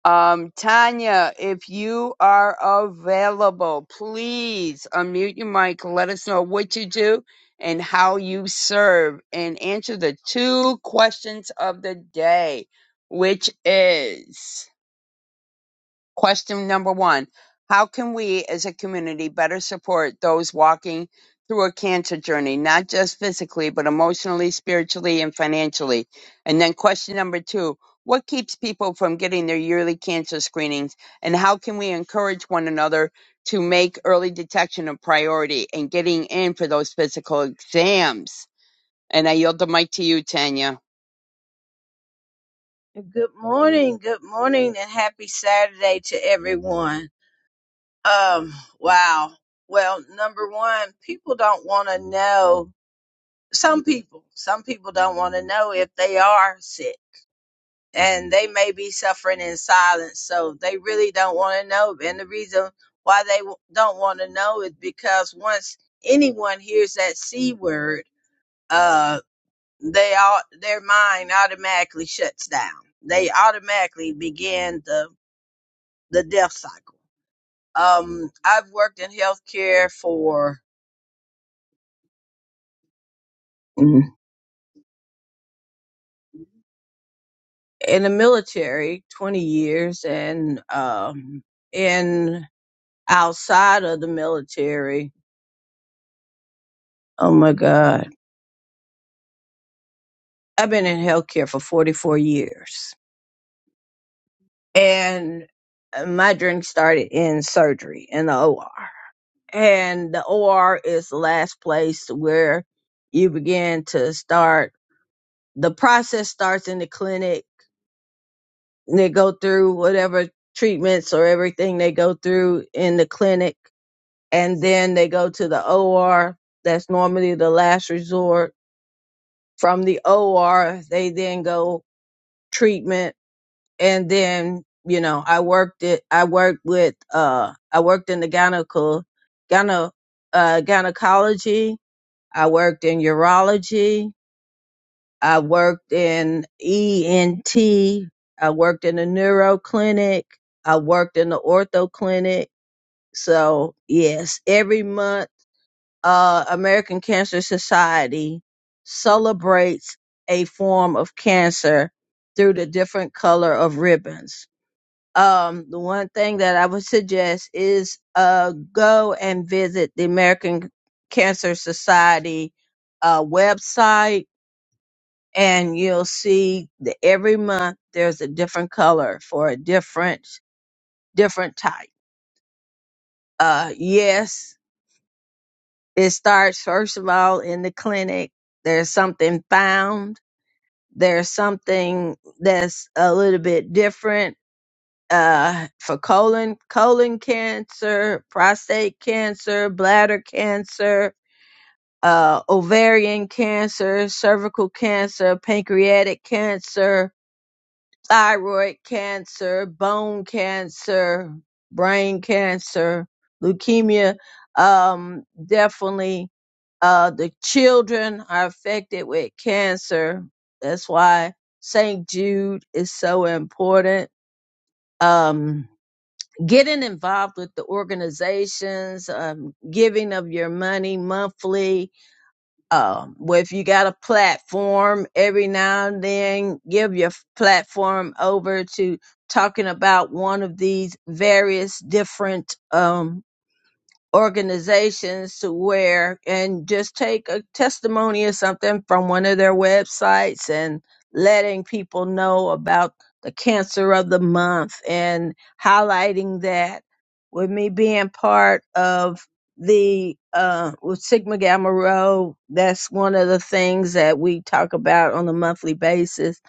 Um, Tanya, if you are available, please unmute your mic. Let us know what you do and how you serve, and answer the two questions of the day, which is Question number one How can we as a community better support those walking through a cancer journey, not just physically, but emotionally, spiritually, and financially? And then question number two What keeps people from getting their yearly cancer screenings, and how can we encourage one another to make early detection a priority and getting in for those physical exams? And I yield the mic to you, Tanya.
Good morning, good morning, and happy Saturday to everyone. Um, wow. Well, number one, people don't want to know. Some people, some people don't want to know if they are sick and they may be suffering in silence. So they really don't want to know. And the reason why they w- don't want to know is because once anyone hears that C word, uh, they all, their mind automatically shuts down. They automatically begin the the death cycle. Um, I've worked in healthcare for mm, in the military 20 years and um, in outside of the military. Oh my God. I've been in healthcare for 44 years and uh, my journey started in surgery in the OR. And the OR is the last place where you begin to start. The process starts in the clinic and they go through whatever treatments or everything they go through in the clinic and then they go to the OR that's normally the last resort from the OR they then go treatment and then you know I worked it I worked with uh I worked in the gyneco gyne, uh, gynecology I worked in urology I worked in ENT. I worked in a neuro clinic. I worked in the ortho clinic. So yes, every month, uh, American Cancer Society celebrates a form of cancer through the different color of ribbons. Um, the one thing that I would suggest is uh, go and visit the American Cancer Society uh, website and you'll see that every month there's a different color for a different different type. Uh, yes, it starts first of all in the clinic. There's something found. There's something that's a little bit different uh, for colon colon cancer, prostate cancer, bladder cancer, uh, ovarian cancer, cervical cancer, pancreatic cancer thyroid cancer, bone cancer, brain cancer, leukemia. Um, definitely, uh, the children are affected with cancer. That's why St. Jude is so important. Um, getting involved with the organizations, um, giving of your money monthly, um, well, if you got a platform, every now and then give your f- platform over to talking about one of these various different um, organizations to where and just take a testimony or something from one of their websites and letting people know about the cancer of the month and highlighting that with me being part of the uh with sigma gamma rho that's one of the things that we talk about on a monthly basis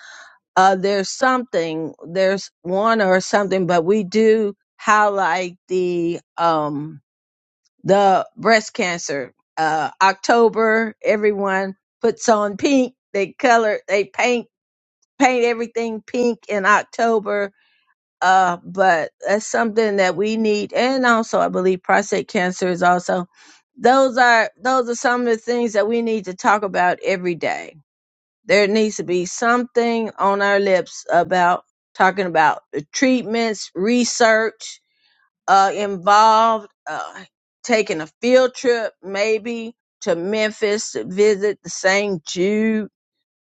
uh there's something there's one or something but we do highlight the um the breast cancer. Uh, October, everyone puts on pink. They color, they paint, paint everything pink in October. Uh, but that's something that we need. And also, I believe prostate cancer is also. Those are those are some of the things that we need to talk about every day. There needs to be something on our lips about talking about the treatments, research, uh, involved uh, taking a field trip maybe to Memphis to visit the St. Jude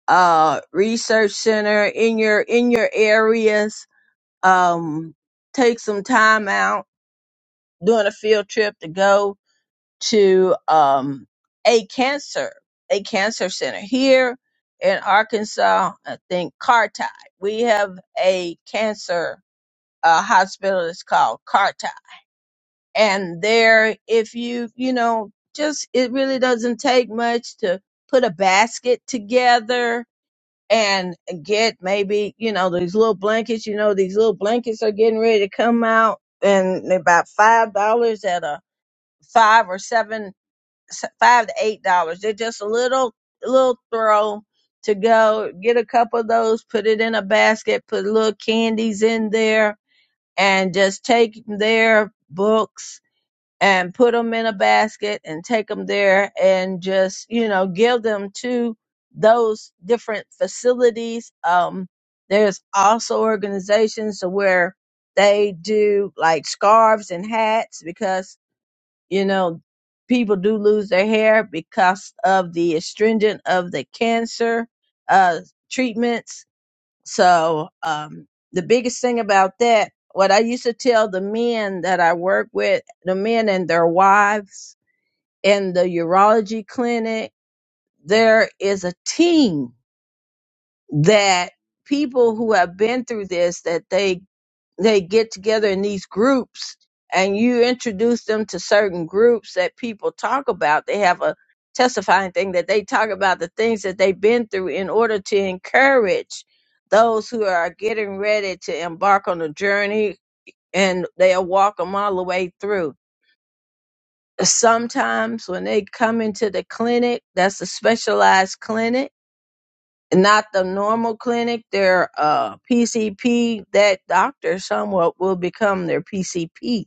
uh, Research Center in your in your areas. Um, take some time out doing a field trip to go to um, a cancer a cancer center here in Arkansas. I think Carti. We have a cancer uh, hospital. It's called Carti and there if you you know just it really doesn't take much to put a basket together and get maybe you know these little blankets you know these little blankets are getting ready to come out and they're about five dollars at a five or seven s- five to eight dollars they're just a little little throw to go get a couple of those put it in a basket put little candies in there and just take their books and put them in a basket and take them there and just you know give them to those different facilities um there's also organizations where they do like scarves and hats because you know people do lose their hair because of the astringent of the cancer uh treatments so um, the biggest thing about that, what I used to tell the men that I work with, the men and their wives in the urology clinic, there is a team that people who have been through this that they they get together in these groups and you introduce them to certain groups that people talk about. They have a testifying thing that they talk about the things that they've been through in order to encourage those who are getting ready to embark on a journey and they'll walk them all the way through. Sometimes when they come into the clinic, that's a specialized clinic not the normal clinic, their uh, PCP, that doctor somewhat will become their PCP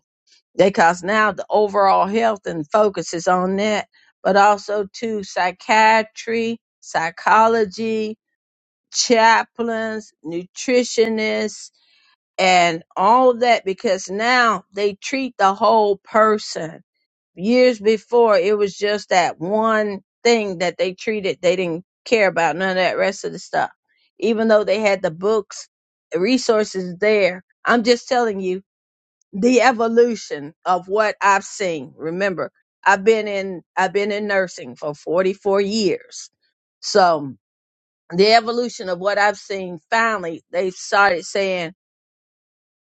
because now the overall health and focus is on that, but also to psychiatry, psychology, chaplains, nutritionists, and all that because now they treat the whole person years before it was just that one thing that they treated they didn't care about none of that rest of the stuff even though they had the books the resources there i'm just telling you the evolution of what i've seen remember i've been in i've been in nursing for 44 years so the evolution of what i've seen finally they started saying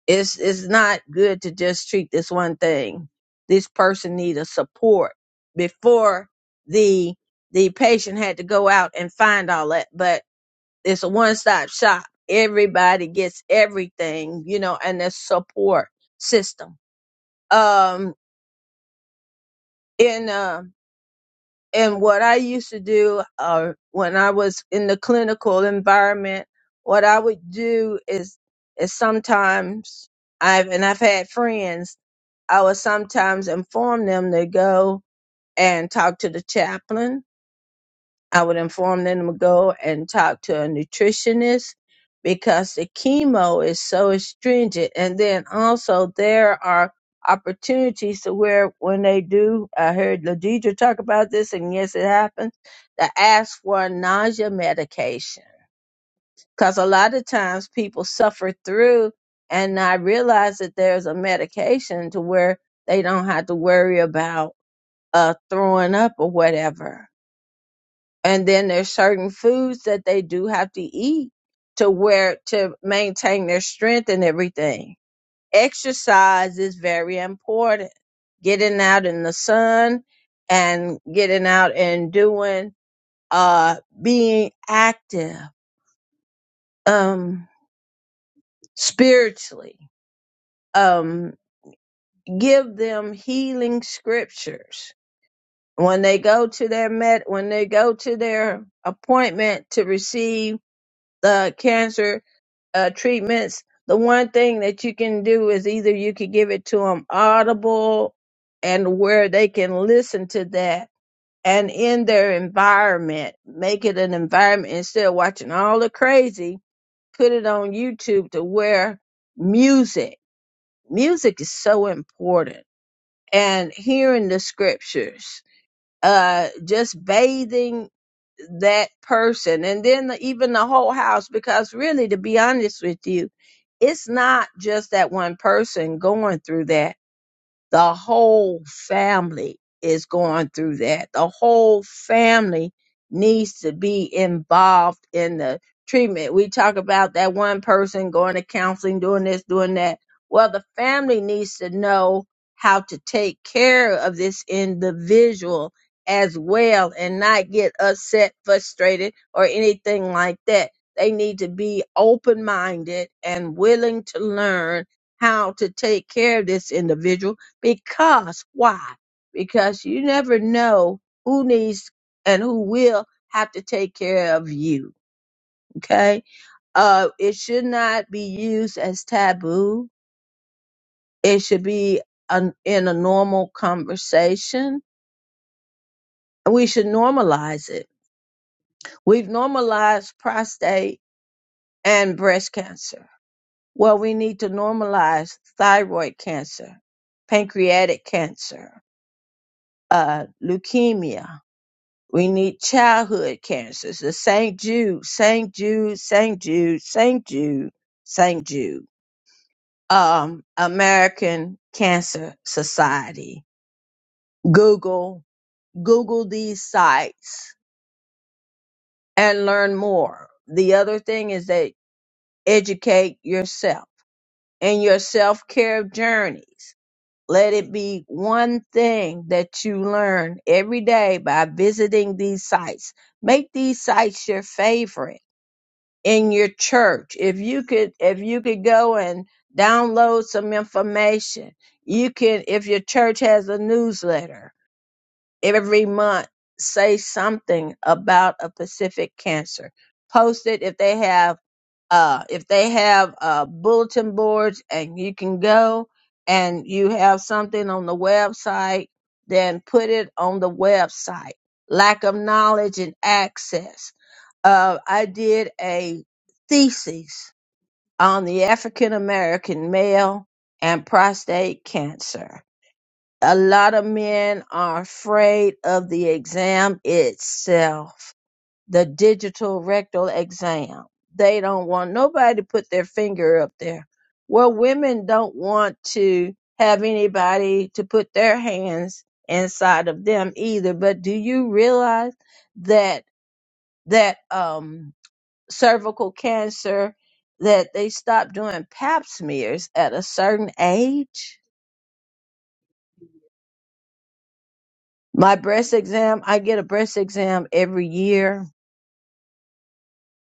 it's it's not good to just treat this one thing. This person need a support before the the patient had to go out and find all that. But it's a one stop shop. Everybody gets everything, you know, and the support system. Um, in uh, in what I used to do, uh, when I was in the clinical environment, what I would do is is sometimes I've and I've had friends I would sometimes inform them to go and talk to the chaplain. I would inform them to go and talk to a nutritionist because the chemo is so stringent. And then also there are opportunities to where when they do, I heard Ladidra talk about this, and yes, it happens, to ask for a nausea medication because a lot of times people suffer through and not realize that there's a medication to where they don't have to worry about uh, throwing up or whatever. And then there's certain foods that they do have to eat to where to maintain their strength and everything. Exercise is very important. Getting out in the sun and getting out and doing uh being active um spiritually um, give them healing scriptures when they go to their med when they go to their appointment to receive the cancer uh, treatments the one thing that you can do is either you could give it to them audible and where they can listen to that and in their environment make it an environment instead of watching all the crazy put it on youtube to where music music is so important and hearing the scriptures, uh, just bathing that person, and then the, even the whole house. Because really, to be honest with you, it's not just that one person going through that the whole family is going through that. The whole family needs to be involved in the treatment. We talk about that one person going to counseling, doing this, doing that. Well, the family needs to know how to take care of this individual as well and not get upset, frustrated, or anything like that. They need to be open minded and willing to learn how to take care of this individual because why? Because you never know who needs and who will have to take care of you. Okay. Uh, it should not be used as taboo. It should be an, in a normal conversation. we should normalize it. We've normalized prostate and breast cancer. Well, we need to normalize thyroid cancer, pancreatic cancer, uh, leukemia, We need childhood cancers. The St. Jude, St. Jude, St. Jude, St. Jude, St. Jude. Um, American Cancer Society. Google, Google these sites and learn more. The other thing is that educate yourself in your self-care journeys. Let it be one thing that you learn every day by visiting these sites. Make these sites your favorite in your church if you could if you could go and download some information you can if your church has a newsletter every month say something about a specific cancer post it if they have uh if they have uh bulletin boards and you can go and you have something on the website then put it on the website lack of knowledge and access uh, I did a thesis on the African American male and prostate cancer. A lot of men are afraid of the exam itself, the digital rectal exam. They don't want nobody to put their finger up there. Well, women don't want to have anybody to put their hands inside of them either. But do you realize that that um cervical cancer that they stopped doing pap smears at a certain age. My breast exam, I get a breast exam every year,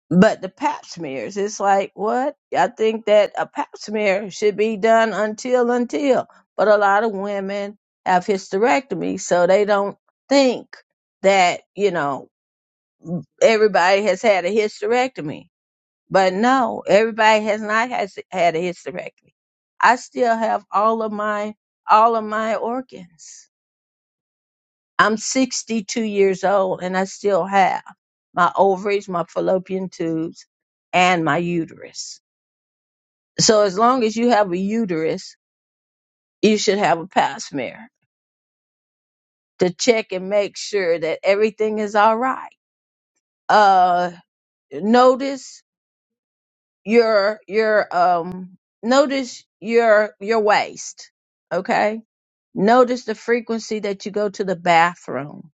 but the pap smears, it's like, what? I think that a pap smear should be done until, until. But a lot of women have hysterectomy, so they don't think that, you know, everybody has had a hysterectomy. But no, everybody has not has had a hysterectomy. I still have all of my all of my organs. I'm 62 years old and I still have my ovaries, my fallopian tubes, and my uterus. So as long as you have a uterus, you should have a pap smear to check and make sure that everything is all right. Uh, notice your your um notice your your waist. Okay Notice the frequency that you go to the bathroom.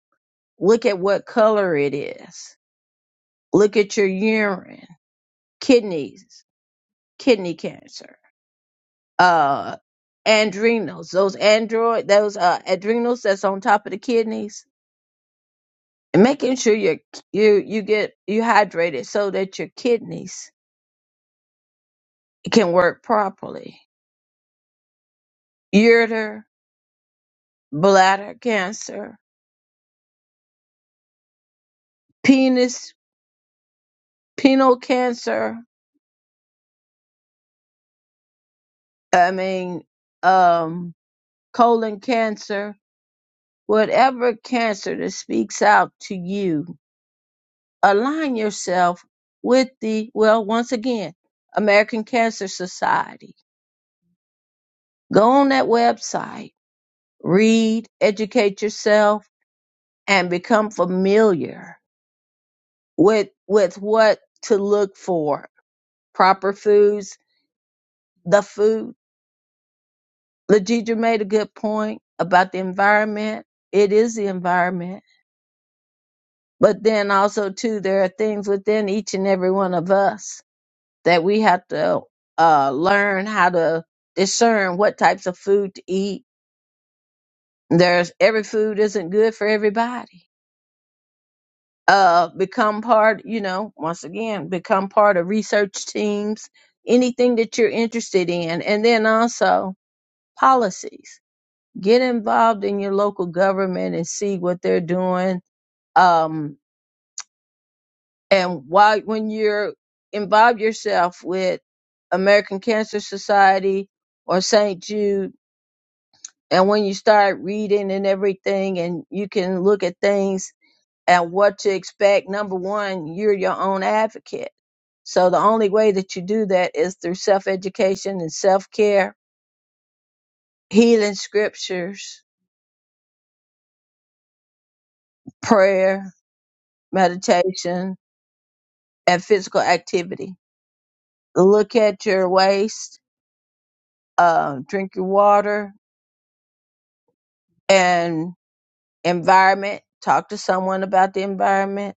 Look at what color it is. Look at your urine, kidneys, kidney cancer, uh, adrenals, those android, those uh, adrenals that's on top of the kidneys, and making sure you you you get you hydrated so that your kidneys can work properly. Ureter, bladder cancer, penis, penile cancer. I mean, um, colon cancer, whatever cancer that speaks out to you, align yourself with the, well, once again, American Cancer Society. Go on that website, read, educate yourself, and become familiar with, with what to look for. Proper foods, the food. Legidra made a good point about the environment. It is the environment But then also too, there are things within each and every one of us that we have to uh, learn how to discern what types of food to eat. There's every food isn't good for everybody. Uh, become part, you know, once again, become part of research teams, anything that you're interested in, and then also policies. Get involved in your local government and see what they're doing. Um, and why when you're involve yourself with American Cancer Society or St. Jude, and when you start reading and everything, and you can look at things and what to expect. Number one, you're your own advocate. So the only way that you do that is through self education and self care, healing scriptures, prayer, meditation, and physical activity. Look at your waist, uh, drink your water, and environment talk to someone about the environment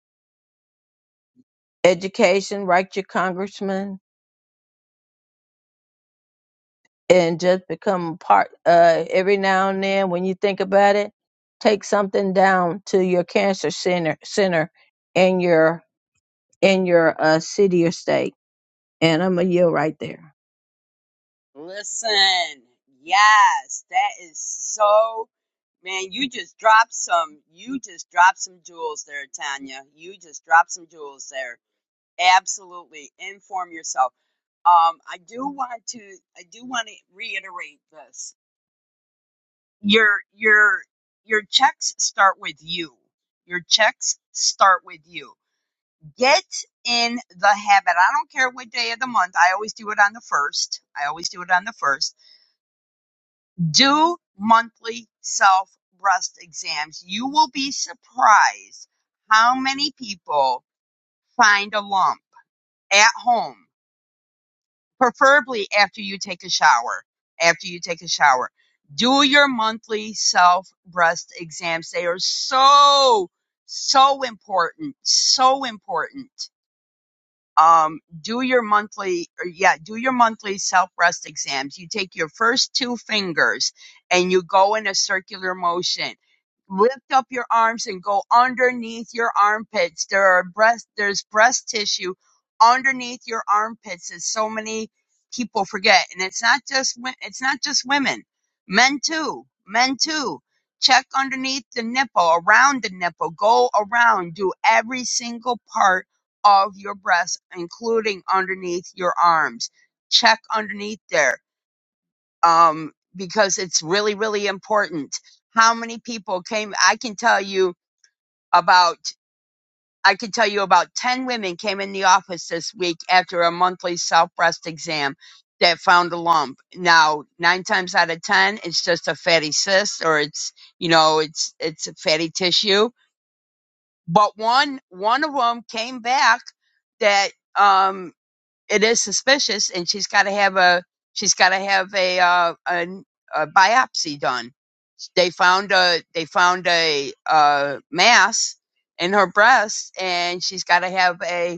education write your congressman and just become a part uh, every now and then when you think about it take something down to your cancer center center in your in your uh, city or state and i'm a yield right there
Listen, yes, that is so. Man, you just dropped some. You just dropped some jewels there, Tanya. You just dropped some jewels there. Absolutely. Inform yourself. Um, I do want to I do want to reiterate this. Your your your checks start with you. Your checks start with you. Get in the habit. I don't care what day of the month. I always do it on the first. I always do it on the first. Do monthly self breast exams. You will be surprised how many people find a lump at home preferably after you take a shower. After you take a shower, do your monthly self breast exams. They are so, so important. So important um, do your monthly or yeah do your monthly self breast exams you take your first two fingers and you go in a circular motion lift up your arms and go underneath your armpits there are breast there's breast tissue underneath your armpits as so many people forget and it's not just wo- it's not just women men too men too check underneath the nipple around the nipple go around do every single part of your breasts, including underneath your arms. Check underneath there um, because it's really, really important. How many people came? I can tell you about. I can tell you about 10 women came in the office this week after a monthly self breast exam that found a lump. Now, nine times out of 10, it's just a fatty cyst or it's, you know, it's, it's a fatty tissue. But one, one of them came back that, um, it is suspicious, and she's got to have a she's got to have a, uh, a a biopsy done. They found a they found a, uh mass in her breast, and she's got to have a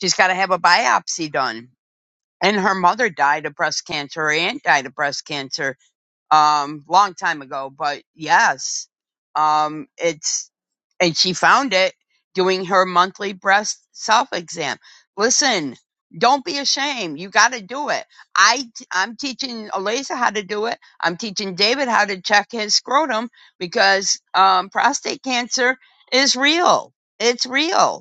she's got to have a biopsy done. And her mother died of breast cancer. Her aunt died of breast cancer um, long time ago, but yes, um, it's, and she found it doing her monthly breast self exam. Listen, don't be ashamed. You got to do it. I, I'm teaching Eliza how to do it. I'm teaching David how to check his scrotum because, um, prostate cancer is real. It's real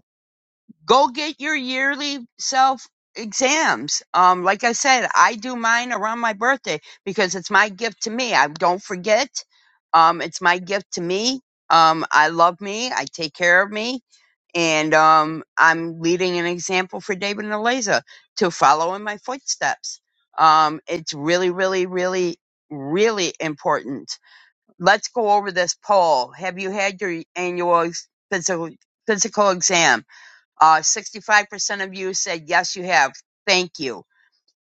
go get your yearly self exams. Um, like I said, I do mine around my birthday because it's my gift to me. I don't forget. Um, it's my gift to me. Um, I love me. I take care of me. And um, I'm leading an example for David and Eliza to follow in my footsteps. Um, it's really, really, really, really important. Let's go over this poll. Have you had your annual physical physical exam? Uh, 65% of you said, yes, you have. Thank you.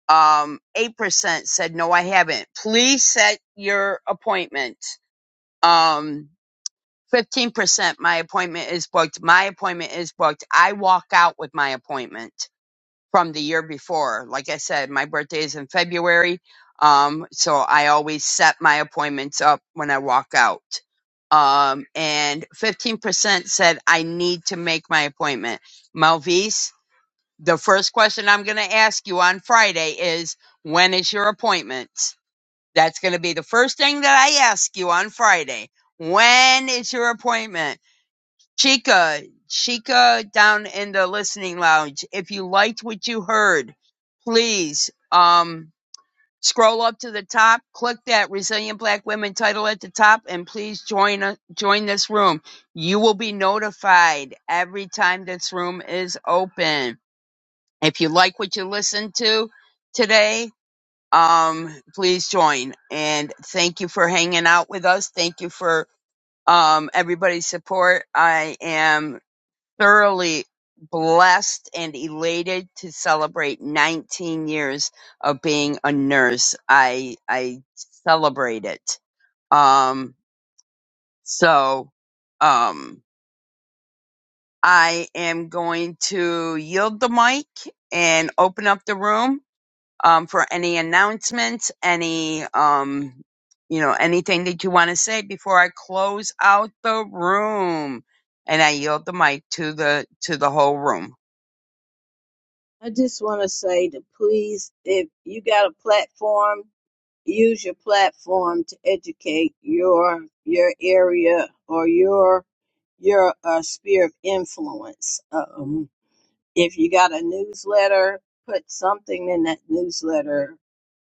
Um, 8% said, no, I haven't. Please set your appointment. Um, 15%, my appointment is booked. My appointment is booked. I walk out with my appointment from the year before. Like I said, my birthday is in February. Um, so I always set my appointments up when I walk out. Um, and 15% said, I need to make my appointment. Malvise, the first question I'm going to ask you on Friday is when is your appointment? That's going to be the first thing that I ask you on Friday. When is your appointment? Chica, Chica down in the listening lounge, if you liked what you heard, please um scroll up to the top, click that resilient black women title at the top and please join uh, join this room. You will be notified every time this room is open if you like what you listened to today, um, please join. And thank you for hanging out with us. Thank you for um, everybody's support. I am thoroughly blessed and elated to celebrate 19 years of being a nurse. I I celebrate it. Um, so um, I am going to yield the mic and open up the room. um, for any announcements, any, um, you know, anything that you want to say before I close out the room. And I yield the mic to the to the whole room.
I just want to say to please, if you got a platform, use your platform to educate your your area or your your uh, sphere of influence. Um, if you got a newsletter, put something in that newsletter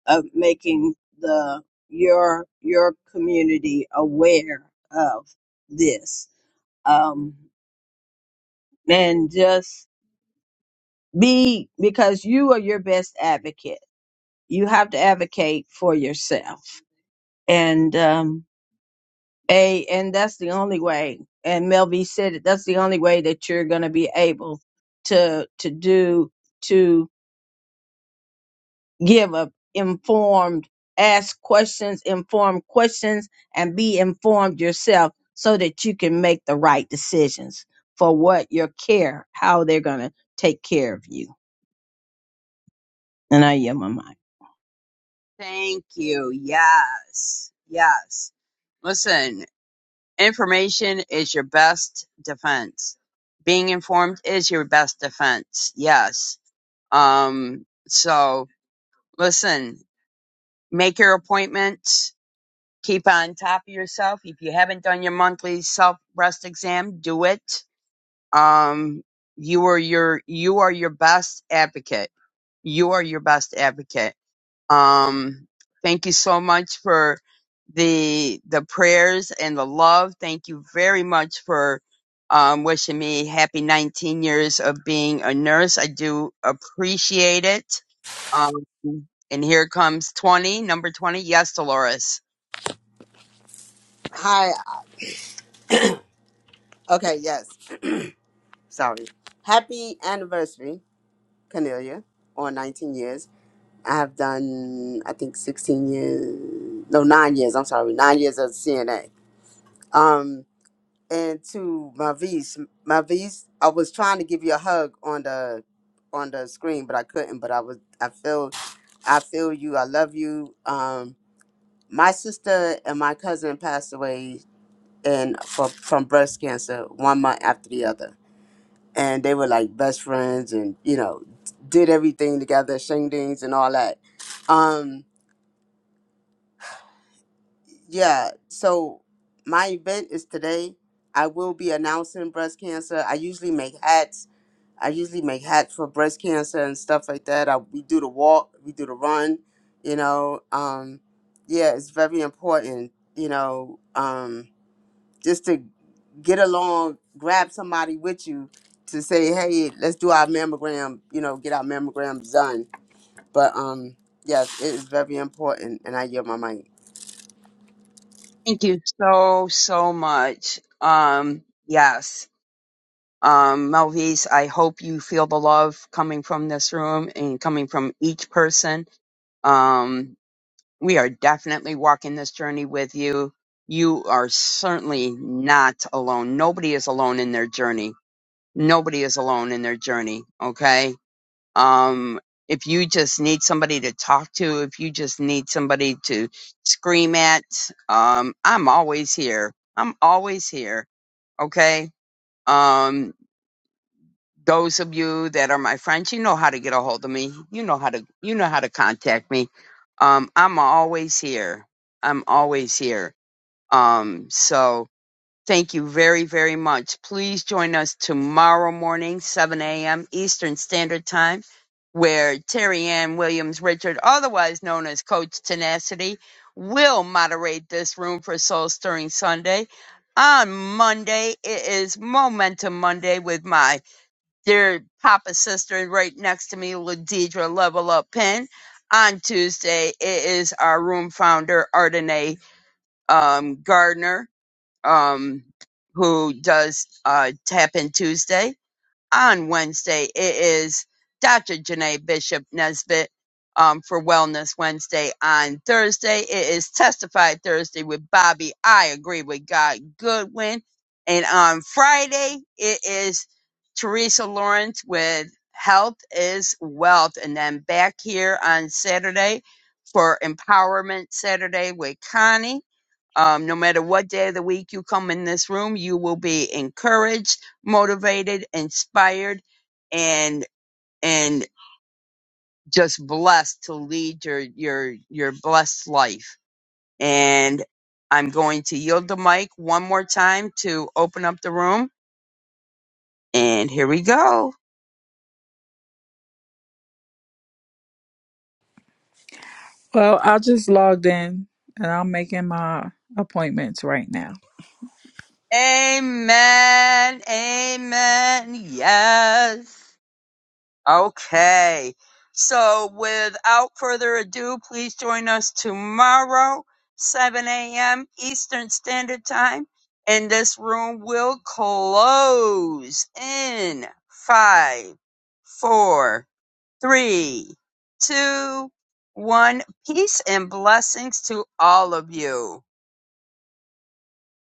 of making the your your community aware of this um and just be because you are your best advocate you have to advocate for yourself and um a and that's the only way and melvie said it that's the only way that you're going to be able to to do to give a informed, ask questions, informed questions, and be informed yourself so that you can make the right decisions for what your care, how they're going to take care of you. And I yield my mind.
Thank you. Yes. Yes. Listen, Information is your best defense. Being informed is your best defense. Yes. Um, so listen, make your appointments. Keep on top of yourself. If you haven't done your monthly self breast exam, do it. Um, you are your, you are your best advocate. You are your best advocate um, thank you so much for the the prayers and the love. Thank you very much for um, wishing me happy 19 years of being a nurse. I do appreciate it. Um, and here comes 20, number 20. Yes, Dolores.
hi okay yes sorry happy anniversary cornelia on 19 years I've done, I think, 16 years, no, nine years, I'm sorry, nine years at CNA. Um, and to Mavis, Mavis, I was trying to give you a hug on the on the screen, but I couldn't. But I was, I feel, I feel you. I love you. Um, my sister and my cousin passed away, and from from breast cancer, one month after the other. And they were like best friends, and you know, did everything together, shingdings and all that. Um, Yeah, so my event is today. I will be announcing breast cancer. I usually make hats. I usually make hats for breast cancer and stuff like that. I, we do the walk, we do the run, you know. Um, yeah, it's very important, you know, um, just to get along, grab somebody with you to say, hey, let's do our mammogram, you know, get our mammograms done. But um, yes, it is very important, and I yield my mic.
Thank you so, so much. Um, yes. Um, Melvise, I hope you feel the love coming from this room and coming from each person. Um, We are definitely walking this journey with you. You are certainly not alone. Nobody is alone in their journey. Nobody is alone in their journey. Okay. Um, if you just need somebody to talk to, if you just need somebody to scream at, um, I'm always here. I'm always here. Okay. Um. Those of you that are my friends, you know how to get a hold of me. You know how to you know how to contact me. Um, I'm always here. I'm always here. Um, so thank you very, very much. Please join us tomorrow morning, 7 a.m. Eastern Standard Time, where Terry Ann Williams Richard, otherwise known as Coach Tenacity, will moderate this room for Soul Stirring Sunday. On Monday, it is Momentum Monday with my their papa's sister right next to me, Ladidra Level Up Pen. On Tuesday, it is our room founder, Ardenae um, Gardner, um, who does uh, Tap In Tuesday on Wednesday. It is Dr. Janae Bishop Nesbitt um, for Wellness Wednesday. On Thursday, it is Testify Thursday with Bobby. I agree with God Goodwin. And on Friday, it is Teresa Lawrence with Health is Wealth. And then back here on Saturday for Empowerment Saturday with Connie. Um, no matter what day of the week you come in this room, you will be encouraged, motivated, inspired, and and just blessed to lead your your your blessed life. And I'm going to yield the mic one more time to open up the room. And here we go.
Well, I just logged in and I'm making my appointments right now.
Amen. Amen. Yes. Okay. So without further ado, please join us tomorrow, 7 a.m. Eastern Standard Time. And this room will close in five, four, three, two, one. Peace and blessings to all of you.